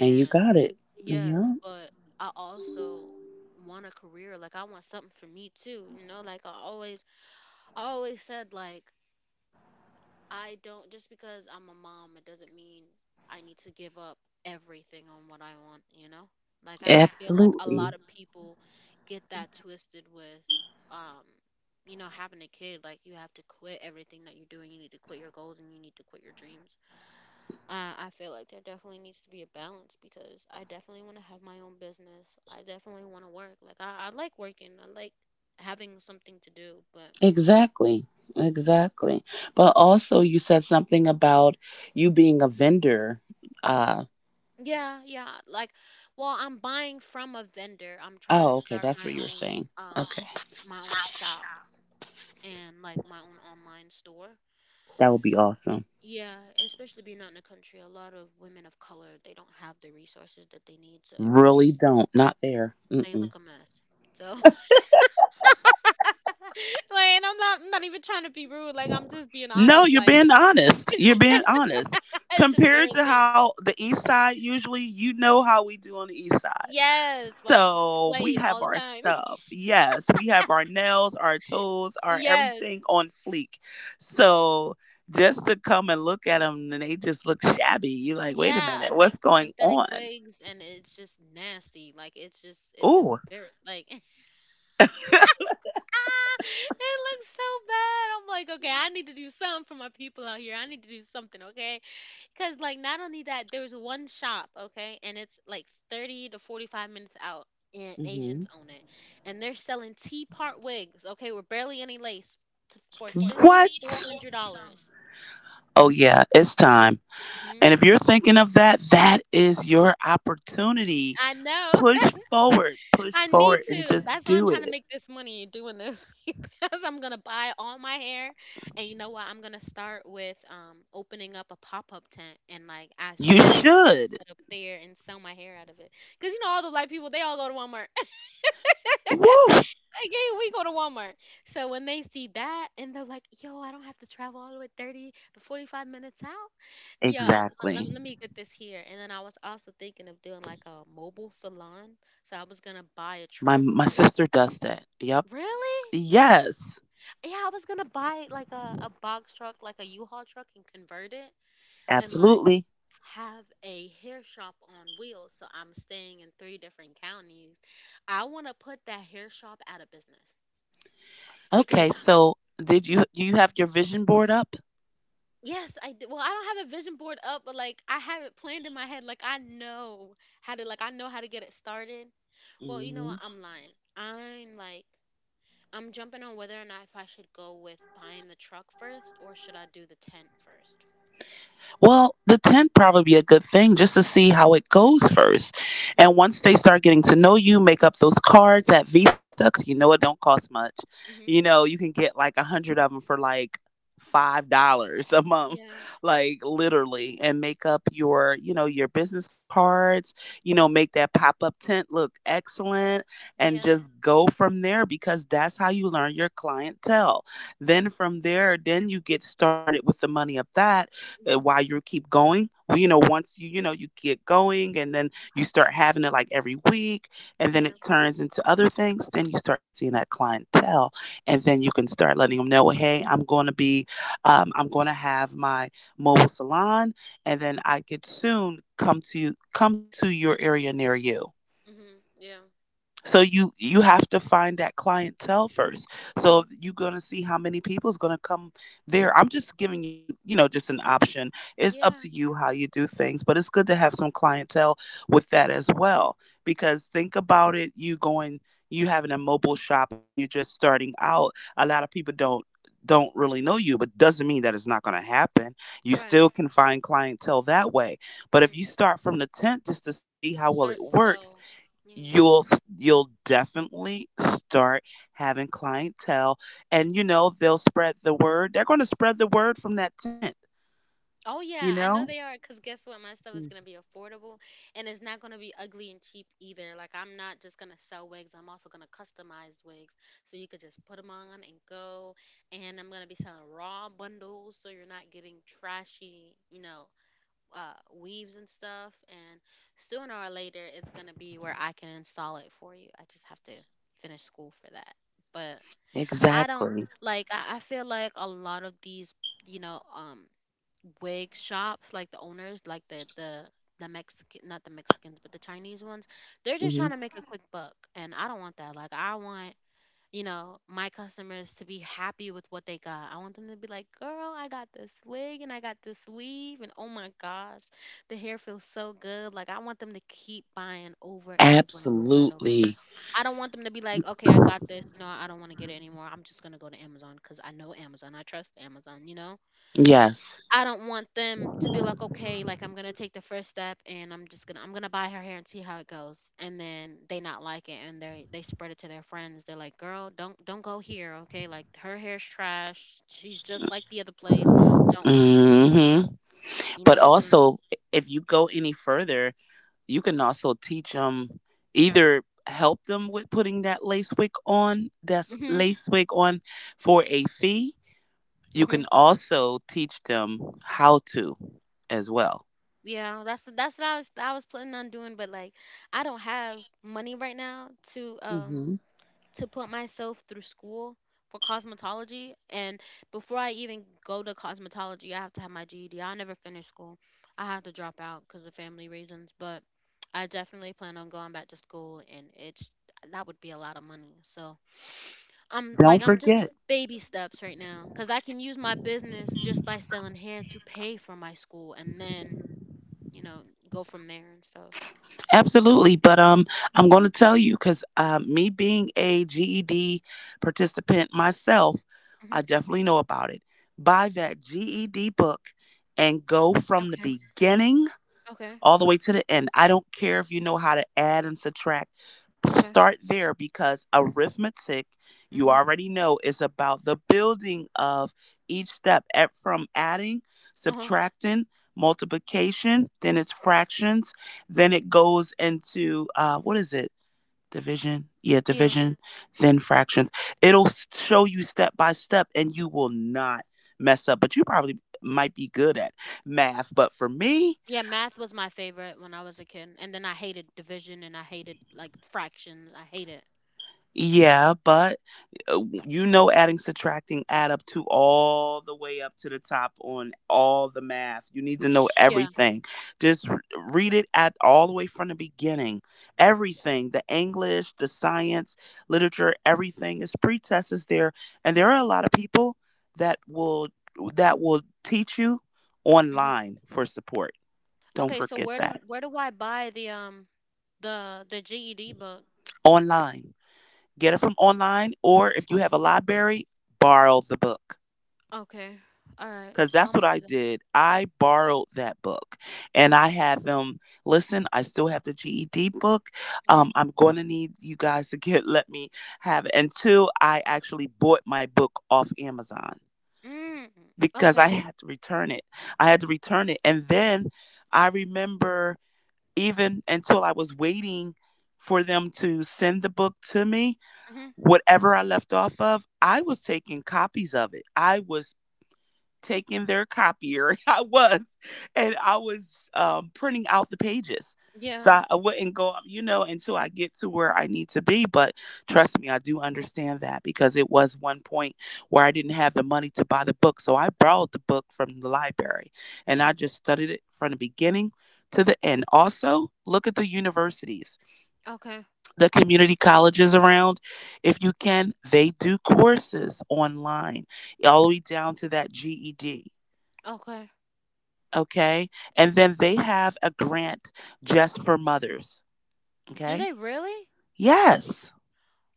[SPEAKER 2] And you got it.
[SPEAKER 1] yes,
[SPEAKER 2] Yeah.
[SPEAKER 1] but I also want a career. Like, I want something for me too. You know, like I always, I always said like I don't, just because I'm a mom, it doesn't mean I need to give up everything on what I want, you know? Like I feel like a
[SPEAKER 2] Absolutely.
[SPEAKER 1] lot of people get that twisted with um you know, having a kid, like you have to quit everything that you're doing. You need to quit your goals and you need to quit your dreams. I feel like there definitely needs to be a balance because I definitely want to have my own business. I definitely want to work. Like I like working. I like having something to do, but
[SPEAKER 2] Exactly. Exactly. But also you said something about you being a vendor. Uh
[SPEAKER 1] Yeah, yeah. Like, well, I'm buying from a vendor. I'm trying
[SPEAKER 2] oh,
[SPEAKER 1] to
[SPEAKER 2] okay,
[SPEAKER 1] start
[SPEAKER 2] that's what you were saying.
[SPEAKER 1] um
[SPEAKER 2] Okay.
[SPEAKER 1] my own shop and like my own online store.
[SPEAKER 2] That would be awesome.
[SPEAKER 1] Yeah, especially being out in the country, a lot of women of color, they don't have the resources that they need, so everybody,
[SPEAKER 2] Really don't. Not there.
[SPEAKER 1] they
[SPEAKER 2] Mm-mm.
[SPEAKER 1] look a mess. So [laughs] like, and I'm not even trying to be rude, like I'm just being
[SPEAKER 2] No,
[SPEAKER 1] honest,
[SPEAKER 2] you're
[SPEAKER 1] like
[SPEAKER 2] being honest. You're being honest.
[SPEAKER 1] [laughs] it's
[SPEAKER 2] Compared to
[SPEAKER 1] embarrassing.
[SPEAKER 2] how the east side— usually, you know how we do on the east side.
[SPEAKER 1] Yes, like
[SPEAKER 2] So we
[SPEAKER 1] slayed
[SPEAKER 2] have
[SPEAKER 1] all the
[SPEAKER 2] our
[SPEAKER 1] time. [laughs]
[SPEAKER 2] stuff. Yes, we have our nails, our toes, our
[SPEAKER 1] Yes.
[SPEAKER 2] everything on fleek. So just to come and look at them, and they just look shabby, you're like, wait a
[SPEAKER 1] Yeah,
[SPEAKER 2] minute,
[SPEAKER 1] and like
[SPEAKER 2] what's going
[SPEAKER 1] synthetic
[SPEAKER 2] on?
[SPEAKER 1] wigs, and it's just nasty. Like it's just, it's
[SPEAKER 2] Ooh.
[SPEAKER 1] embarrassing. Like [laughs] ah, it looks so bad. I'm like, okay, I need to do something for my people out here. I need to do something, okay? Because like not only that, there's one shop, okay, and it's like 30 to 45 minutes out, and
[SPEAKER 2] hmm
[SPEAKER 1] Asians own it, and they're selling T part wigs, okay, with barely any lace, for three to four
[SPEAKER 2] What?
[SPEAKER 1] hundred dollars.
[SPEAKER 2] Oh, yeah, it's time.
[SPEAKER 1] Hmm.
[SPEAKER 2] And if you're thinking of that, that is your opportunity.
[SPEAKER 1] I know.
[SPEAKER 2] Push push
[SPEAKER 1] I need
[SPEAKER 2] forward, and
[SPEAKER 1] to.
[SPEAKER 2] just
[SPEAKER 1] That's why I'm
[SPEAKER 2] do
[SPEAKER 1] trying to
[SPEAKER 2] it.
[SPEAKER 1] make this money doing this [laughs] because I'm gonna buy all my hair, and you know what? I'm gonna start with opening up a pop up tent and like asking
[SPEAKER 2] You
[SPEAKER 1] Walmart if I can
[SPEAKER 2] should.
[SPEAKER 1] set up there and sell my hair out of it. Cause you know all the white people they all go to Walmart. [laughs]
[SPEAKER 2] Woo!
[SPEAKER 1] Like, hey, we go to Walmart. So when they see that and they're like, yo, I don't have to travel all the way 30 to 45 minutes out. Yeah, let, let
[SPEAKER 2] Exactly.
[SPEAKER 1] me let me get this here. And then I was also thinking of doing like a mobile salon. So I was gonna buy a truck,
[SPEAKER 2] My
[SPEAKER 1] like,
[SPEAKER 2] sister does that. Yep.
[SPEAKER 1] really?
[SPEAKER 2] Yes,
[SPEAKER 1] Yeah, I was gonna buy like a box truck, like a U-Haul truck and convert it and like
[SPEAKER 2] absolutely.
[SPEAKER 1] have a hair shop on wheels. So I'm staying in three different counties. I wanna put that hair shop out of business
[SPEAKER 2] Okay,
[SPEAKER 1] because,
[SPEAKER 2] so did you do you have your vision board up?
[SPEAKER 1] yes, well, I don't have a vision board up, but like I have it planned in my head. Like I know how to like I know how to get it started. Well, you know
[SPEAKER 2] Mhm.
[SPEAKER 1] what? I'm lying. I'm like I'm jumping on whether or not if I should go with buying the truck first or should I do the tent first.
[SPEAKER 2] Well, the tenth probably be a good thing just to see how it goes first. And once they start getting to know you, make up those cards at Vista, because you know it don't cost much.
[SPEAKER 1] Mm-hmm.
[SPEAKER 2] You know you can get like a hundred of them for like $5 a month,
[SPEAKER 1] Yeah.
[SPEAKER 2] like literally, and make up your, you know, your business cards. You know, make that pop up tent look excellent, and
[SPEAKER 1] Yeah.
[SPEAKER 2] just go from there because that's how you learn your clientele. Then
[SPEAKER 1] Yeah.
[SPEAKER 2] from there, then you get started with the money of that.
[SPEAKER 1] Mm-hmm.
[SPEAKER 2] Why you keep going. Well, you know, once you, you know, you get going and then you start having it like every week, and then it
[SPEAKER 1] Yeah.
[SPEAKER 2] turns into other things, then you start seeing that clientele, and then you can start letting them know, hey, I'm going to be, I'm going to have my mobile salon, and then I could soon come to, come to your area near you.
[SPEAKER 1] Mm-hmm. Yeah.
[SPEAKER 2] So you— you have to find that clientele first. So
[SPEAKER 1] Mm-hmm.
[SPEAKER 2] you're gonna see how many people is gonna come there. I'm just giving you, you know, just an option. It's up to
[SPEAKER 1] Yeah.
[SPEAKER 2] you how you do things, but it's good to have some clientele with that as well. Because think about it, you going, you having a mobile shop and you're just starting out. A lot of people don't really know you, but doesn't mean that it's not gonna happen. You
[SPEAKER 1] Right.
[SPEAKER 2] still can find clientele that way. But if you
[SPEAKER 1] Mm-hmm.
[SPEAKER 2] start from the tent just to see how well it
[SPEAKER 1] Start
[SPEAKER 2] works,
[SPEAKER 1] slow. Yeah.
[SPEAKER 2] you'll you'll definitely start having clientele, and you know they'll spread the word. They're going to spread the word from that tent,
[SPEAKER 1] Oh
[SPEAKER 2] you
[SPEAKER 1] yeah, I
[SPEAKER 2] know.
[SPEAKER 1] know they are. Cause guess what? My stuff
[SPEAKER 2] Mm.
[SPEAKER 1] is gonna be affordable, and it's not gonna be ugly and cheap either. Like I'm not just gonna sell wigs. I'm also gonna customize wigs, so you could just put them on and go. And I'm gonna be selling raw bundles, so you're not getting trashy, you know, weaves and stuff. And sooner or later, it's gonna be where I can install it for you. I just have to finish school for that. But I don't
[SPEAKER 2] Exactly.
[SPEAKER 1] like. I feel like a lot of these, you know, wig shops, like the owners, like the Mexican, not the Mexicans, but the Chinese ones, they're just
[SPEAKER 2] hmm
[SPEAKER 1] trying to make a quick buck, and I don't want that. Like I want my customers to be happy with what they got. I want them to be like, girl, I got this wig and I got this weave. And oh my gosh, the hair feels so good. Like, I want them to keep buying over and over and over and over
[SPEAKER 2] Absolutely.
[SPEAKER 1] again. I don't want them to be like, okay, I got this. You know, I don't want to get it anymore. I'm just going to go to Amazon because I know Amazon. I trust Amazon, you know?
[SPEAKER 2] Yes.
[SPEAKER 1] I don't want them to be like, okay, like I'm gonna take the first step and I'm gonna buy her hair and see how it goes, and then they not like it and they spread it to their friends. They're like, girl, don't go here, okay? Like her hair's trash. She's just like the other place. Don't waste your money,
[SPEAKER 2] hmm
[SPEAKER 1] you
[SPEAKER 2] but
[SPEAKER 1] know. So.
[SPEAKER 2] also, if you go any further, you can also teach them, either help them with putting that lace wig on that's
[SPEAKER 1] Mhm.
[SPEAKER 2] lace wig on for a fee. You
[SPEAKER 1] Mhm.
[SPEAKER 2] can also teach them how to as well.
[SPEAKER 1] Yeah, that's what I was planning on doing, but like I don't have money right now
[SPEAKER 2] hmm
[SPEAKER 1] to put myself through school for cosmetology and before I even go to cosmetology I have to have my GED. I never finish school. I had to drop out cuz of family reasons, but I definitely plan on going back to school and it's that would be a lot of money. So [sniffs] I'm
[SPEAKER 2] Don't
[SPEAKER 1] like I'm just
[SPEAKER 2] forget.
[SPEAKER 1] baby steps right now cuz I can use my business just by selling hair to pay for my school and then, you know, go from there and stuff.
[SPEAKER 2] Absolutely, but I'm going to tell you, because me being a GED participant myself,
[SPEAKER 1] Mhm.
[SPEAKER 2] I definitely know about it. Buy that GED book and go from the
[SPEAKER 1] Okay.
[SPEAKER 2] beginning
[SPEAKER 1] Okay.
[SPEAKER 2] all the way to the end. I don't care if you know how to add and subtract.
[SPEAKER 1] Okay.
[SPEAKER 2] Start there because arithmetic, you
[SPEAKER 1] Mhm.
[SPEAKER 2] already know, is about the building of each step at, from adding,
[SPEAKER 1] Uh-huh.
[SPEAKER 2] subtracting, multiplication, then it's fractions, then it goes into what is it? Division. Yeah,
[SPEAKER 1] Yeah.
[SPEAKER 2] division, then fractions. It'll show you step by step and you will not mess up, but you probably might be good at math. But for me,
[SPEAKER 1] Yeah, math was my favorite when I was a kid, and then I hated division and I hated like fractions. I hate it.
[SPEAKER 2] yeah, but uh, you know, adding, subtracting add up to all the way up to the top on all the math. You need to know
[SPEAKER 1] [laughs] Yeah.
[SPEAKER 2] everything. Just r- Read it at all the way from the beginning.
[SPEAKER 1] Hmm.
[SPEAKER 2] Everything, the English, the science, literature, everything is pretest is there. And there are a lot of people that will that will teach you
[SPEAKER 1] Hmm.
[SPEAKER 2] online for support. Don't
[SPEAKER 1] Okay, so
[SPEAKER 2] forget
[SPEAKER 1] where do
[SPEAKER 2] that.
[SPEAKER 1] where do I buy the GED book?
[SPEAKER 2] Online. Get it from online or if you have a library, borrow the book,
[SPEAKER 1] Okay. All right.
[SPEAKER 2] because
[SPEAKER 1] So
[SPEAKER 2] that's
[SPEAKER 1] I'm
[SPEAKER 2] what
[SPEAKER 1] gonna
[SPEAKER 2] I
[SPEAKER 1] do that.
[SPEAKER 2] did. I borrowed that book and I had them listen. I still have the GED book.
[SPEAKER 1] Hmm.
[SPEAKER 2] I'm going to need you guys to get [laughs] let me have it. And two, I actually bought my book off Amazon
[SPEAKER 1] Mm.
[SPEAKER 2] because I
[SPEAKER 1] Okay.
[SPEAKER 2] had to return it. I had to return it. And then I remember even until I was waiting for them to send the book to me,
[SPEAKER 1] Hmm.
[SPEAKER 2] whatever I left off of, I was taking copies of it. I was taking their copier. [laughs] I was, and I was printing out the pages. So
[SPEAKER 1] Yeah.
[SPEAKER 2] I wouldn't go up, you know, until I get to where I need to be. But trust me, I do understand that because it was one point where I didn't have the money to buy the book. So I borrowed the book from the library and I
[SPEAKER 1] Yeah.
[SPEAKER 2] just studied it from the beginning to the end. Also, look at the universities,
[SPEAKER 1] Okay.
[SPEAKER 2] the community colleges around. If you can, they do courses online, all the way down to that GED.
[SPEAKER 1] Okay.
[SPEAKER 2] Okay. And then they have a grant just for mothers.
[SPEAKER 1] Do
[SPEAKER 2] Okay.
[SPEAKER 1] they really?
[SPEAKER 2] Yes.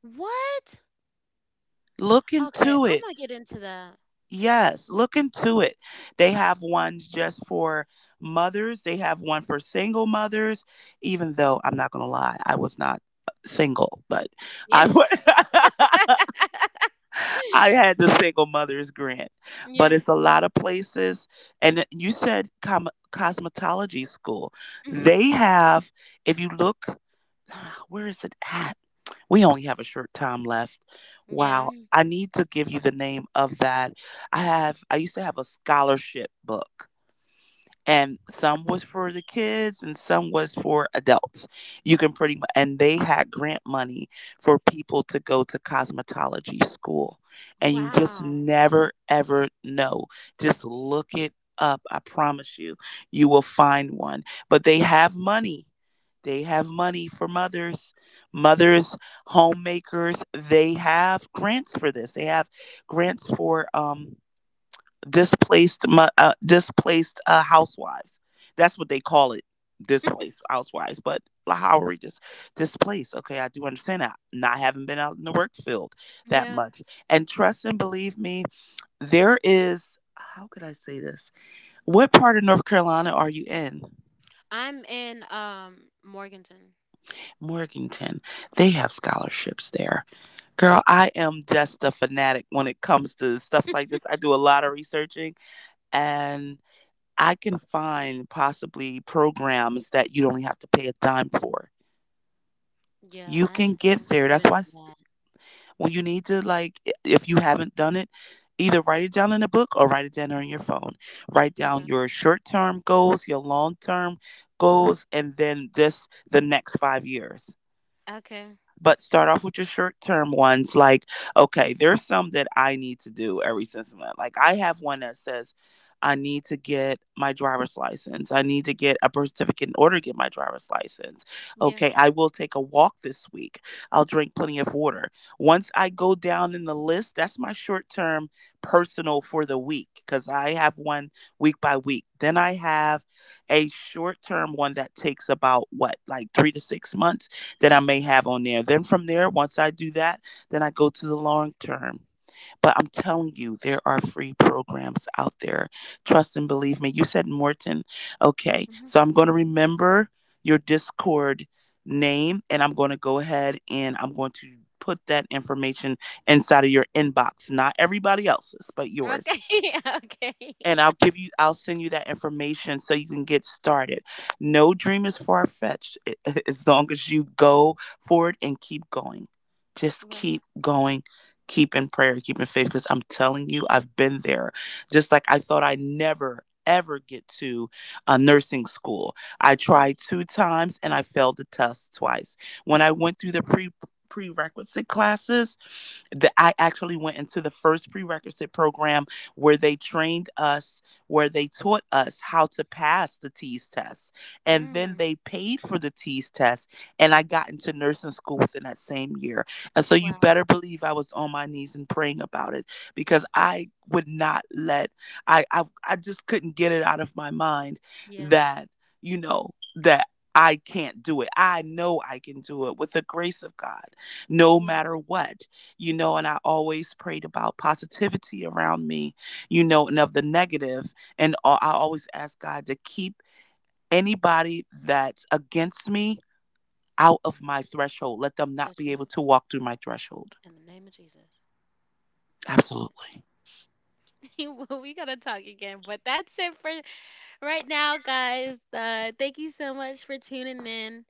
[SPEAKER 1] What?
[SPEAKER 2] Look
[SPEAKER 1] Okay.
[SPEAKER 2] into
[SPEAKER 1] I'm
[SPEAKER 2] it.
[SPEAKER 1] gonna get into that.
[SPEAKER 2] Yes. Look into it. They have ones just for mothers, they have one for single mothers, even though I'm not going to lie, I was not single, but
[SPEAKER 1] Yeah.
[SPEAKER 2] I,
[SPEAKER 1] [laughs]
[SPEAKER 2] wa- [laughs] I had the single mothers grant. But
[SPEAKER 1] Yeah.
[SPEAKER 2] it's a lot of places. And you said cosmetology school.
[SPEAKER 1] Hmm.
[SPEAKER 2] They have, if you look, like, where is it at? We only have a short time left.
[SPEAKER 1] Yeah.
[SPEAKER 2] Wow. I need to give you the name of that. I have I used to have a scholarship book and some was for the kids and some was for adults you can pretty much and they had grant money for people to go to cosmetology school and you just
[SPEAKER 1] Wow.
[SPEAKER 2] never ever know, just look it up. I promise you you will find one, but they have money. They have money for mothers, mothers, homemakers. They have grants for this, they have grants for displaced, displaced housewives. That's what they call it, displaced housewives. But how are we just displaced? Okay, I do understand that. Not having been out in the work field that
[SPEAKER 1] Yeah.
[SPEAKER 2] much, and trust and believe me, there is. How could I say this? What part of North Carolina are you in?
[SPEAKER 1] I'm in Morganton.
[SPEAKER 2] Morganton. They have scholarships there. Girl, I am just a fanatic when it comes to stuff like this. I do a lot of researching and I can find possibly programs that you don't have to pay a dime for.
[SPEAKER 1] Yeah,
[SPEAKER 2] You
[SPEAKER 1] I
[SPEAKER 2] can
[SPEAKER 1] need
[SPEAKER 2] get
[SPEAKER 1] to
[SPEAKER 2] there.
[SPEAKER 1] get into that.
[SPEAKER 2] When you need to, like, if you haven't done it, either write it down in a book or write it down on your phone. Write down
[SPEAKER 1] Okay.
[SPEAKER 2] your short term goals, your long term goals, and then just the next 5 years,
[SPEAKER 1] Okay.
[SPEAKER 2] but start off with your short term ones. Like, okay, there's some that I need to do every since month. Like, I have one that says, I need to get my driver's license. I need to get a birth certificate in order to get my driver's license.
[SPEAKER 1] Yeah.
[SPEAKER 2] Okay, I will take a walk this week. I'll drink plenty of water. Once I go down in the list, that's my short term personal for the week because I have one week by week. Then I have a short term one that takes about what, like 3 to 6 months that I
[SPEAKER 1] Mhm.
[SPEAKER 2] may have on there. Then from there, once I do that, then I go to the long term. But I'm telling you, there are free programs out there. Trust and believe me. You said Morton. Okay.
[SPEAKER 1] Mhm.
[SPEAKER 2] So I'm going to remember your Discord name and I'm going to go ahead and I'm going to put that information inside of your inbox, not everybody else's, but yours,
[SPEAKER 1] Okay. [laughs] Okay.
[SPEAKER 2] and I'll give you I'll send you that information so you can get started. No dream is far fetched [laughs] as long as you go forward and keep going. Just
[SPEAKER 1] Right.
[SPEAKER 2] keep going. Keep in prayer, keep in faith because I'm telling you I've been there. Just like I thought I would never ever get to nursing school. I
[SPEAKER 1] Yeah.
[SPEAKER 2] tried 2 times and I failed the test twice. When I went through the pre prerequisite classes, that I actually went into the first prerequisite program where they trained us, where they taught us how to pass the teas test. And then
[SPEAKER 1] Mm.
[SPEAKER 2] they paid for the teas test. And I got into nursing school within that same year. And so you
[SPEAKER 1] Wow.
[SPEAKER 2] better believe I was on my knees and praying about it because I would not let, I just couldn't get it out of my mind
[SPEAKER 1] Yeah.
[SPEAKER 2] that, you know, that. I can't do it. I know I can do it with the grace of God, no
[SPEAKER 1] Yeah.
[SPEAKER 2] matter what, you know, and I always prayed about positivity around me, you know, and of the negative. And I always ask God to keep anybody that's against me out of my threshold. Let them not
[SPEAKER 1] That's
[SPEAKER 2] be able
[SPEAKER 1] right.
[SPEAKER 2] to walk through my threshold.
[SPEAKER 1] In the name of Jesus. That's right.
[SPEAKER 2] Absolutely.
[SPEAKER 1] [laughs] Well, we gotta talk again, but that's it for right now, guys. Thank you so much for tuning in.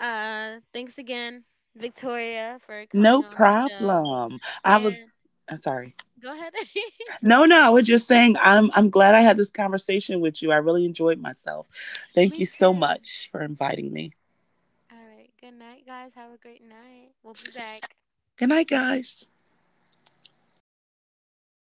[SPEAKER 1] Thanks again, Victoria, for coming
[SPEAKER 2] No
[SPEAKER 1] on the show.
[SPEAKER 2] problem. I was
[SPEAKER 1] And
[SPEAKER 2] I'm sorry.
[SPEAKER 1] go ahead. [laughs]
[SPEAKER 2] No, no, I was just saying I'm glad I had this conversation with you. I really enjoyed myself. Thank you
[SPEAKER 1] Me
[SPEAKER 2] so
[SPEAKER 1] too.
[SPEAKER 2] much for inviting me.
[SPEAKER 1] All right. Good night, guys. Have a great night. We'll be back.
[SPEAKER 2] Good night, guys.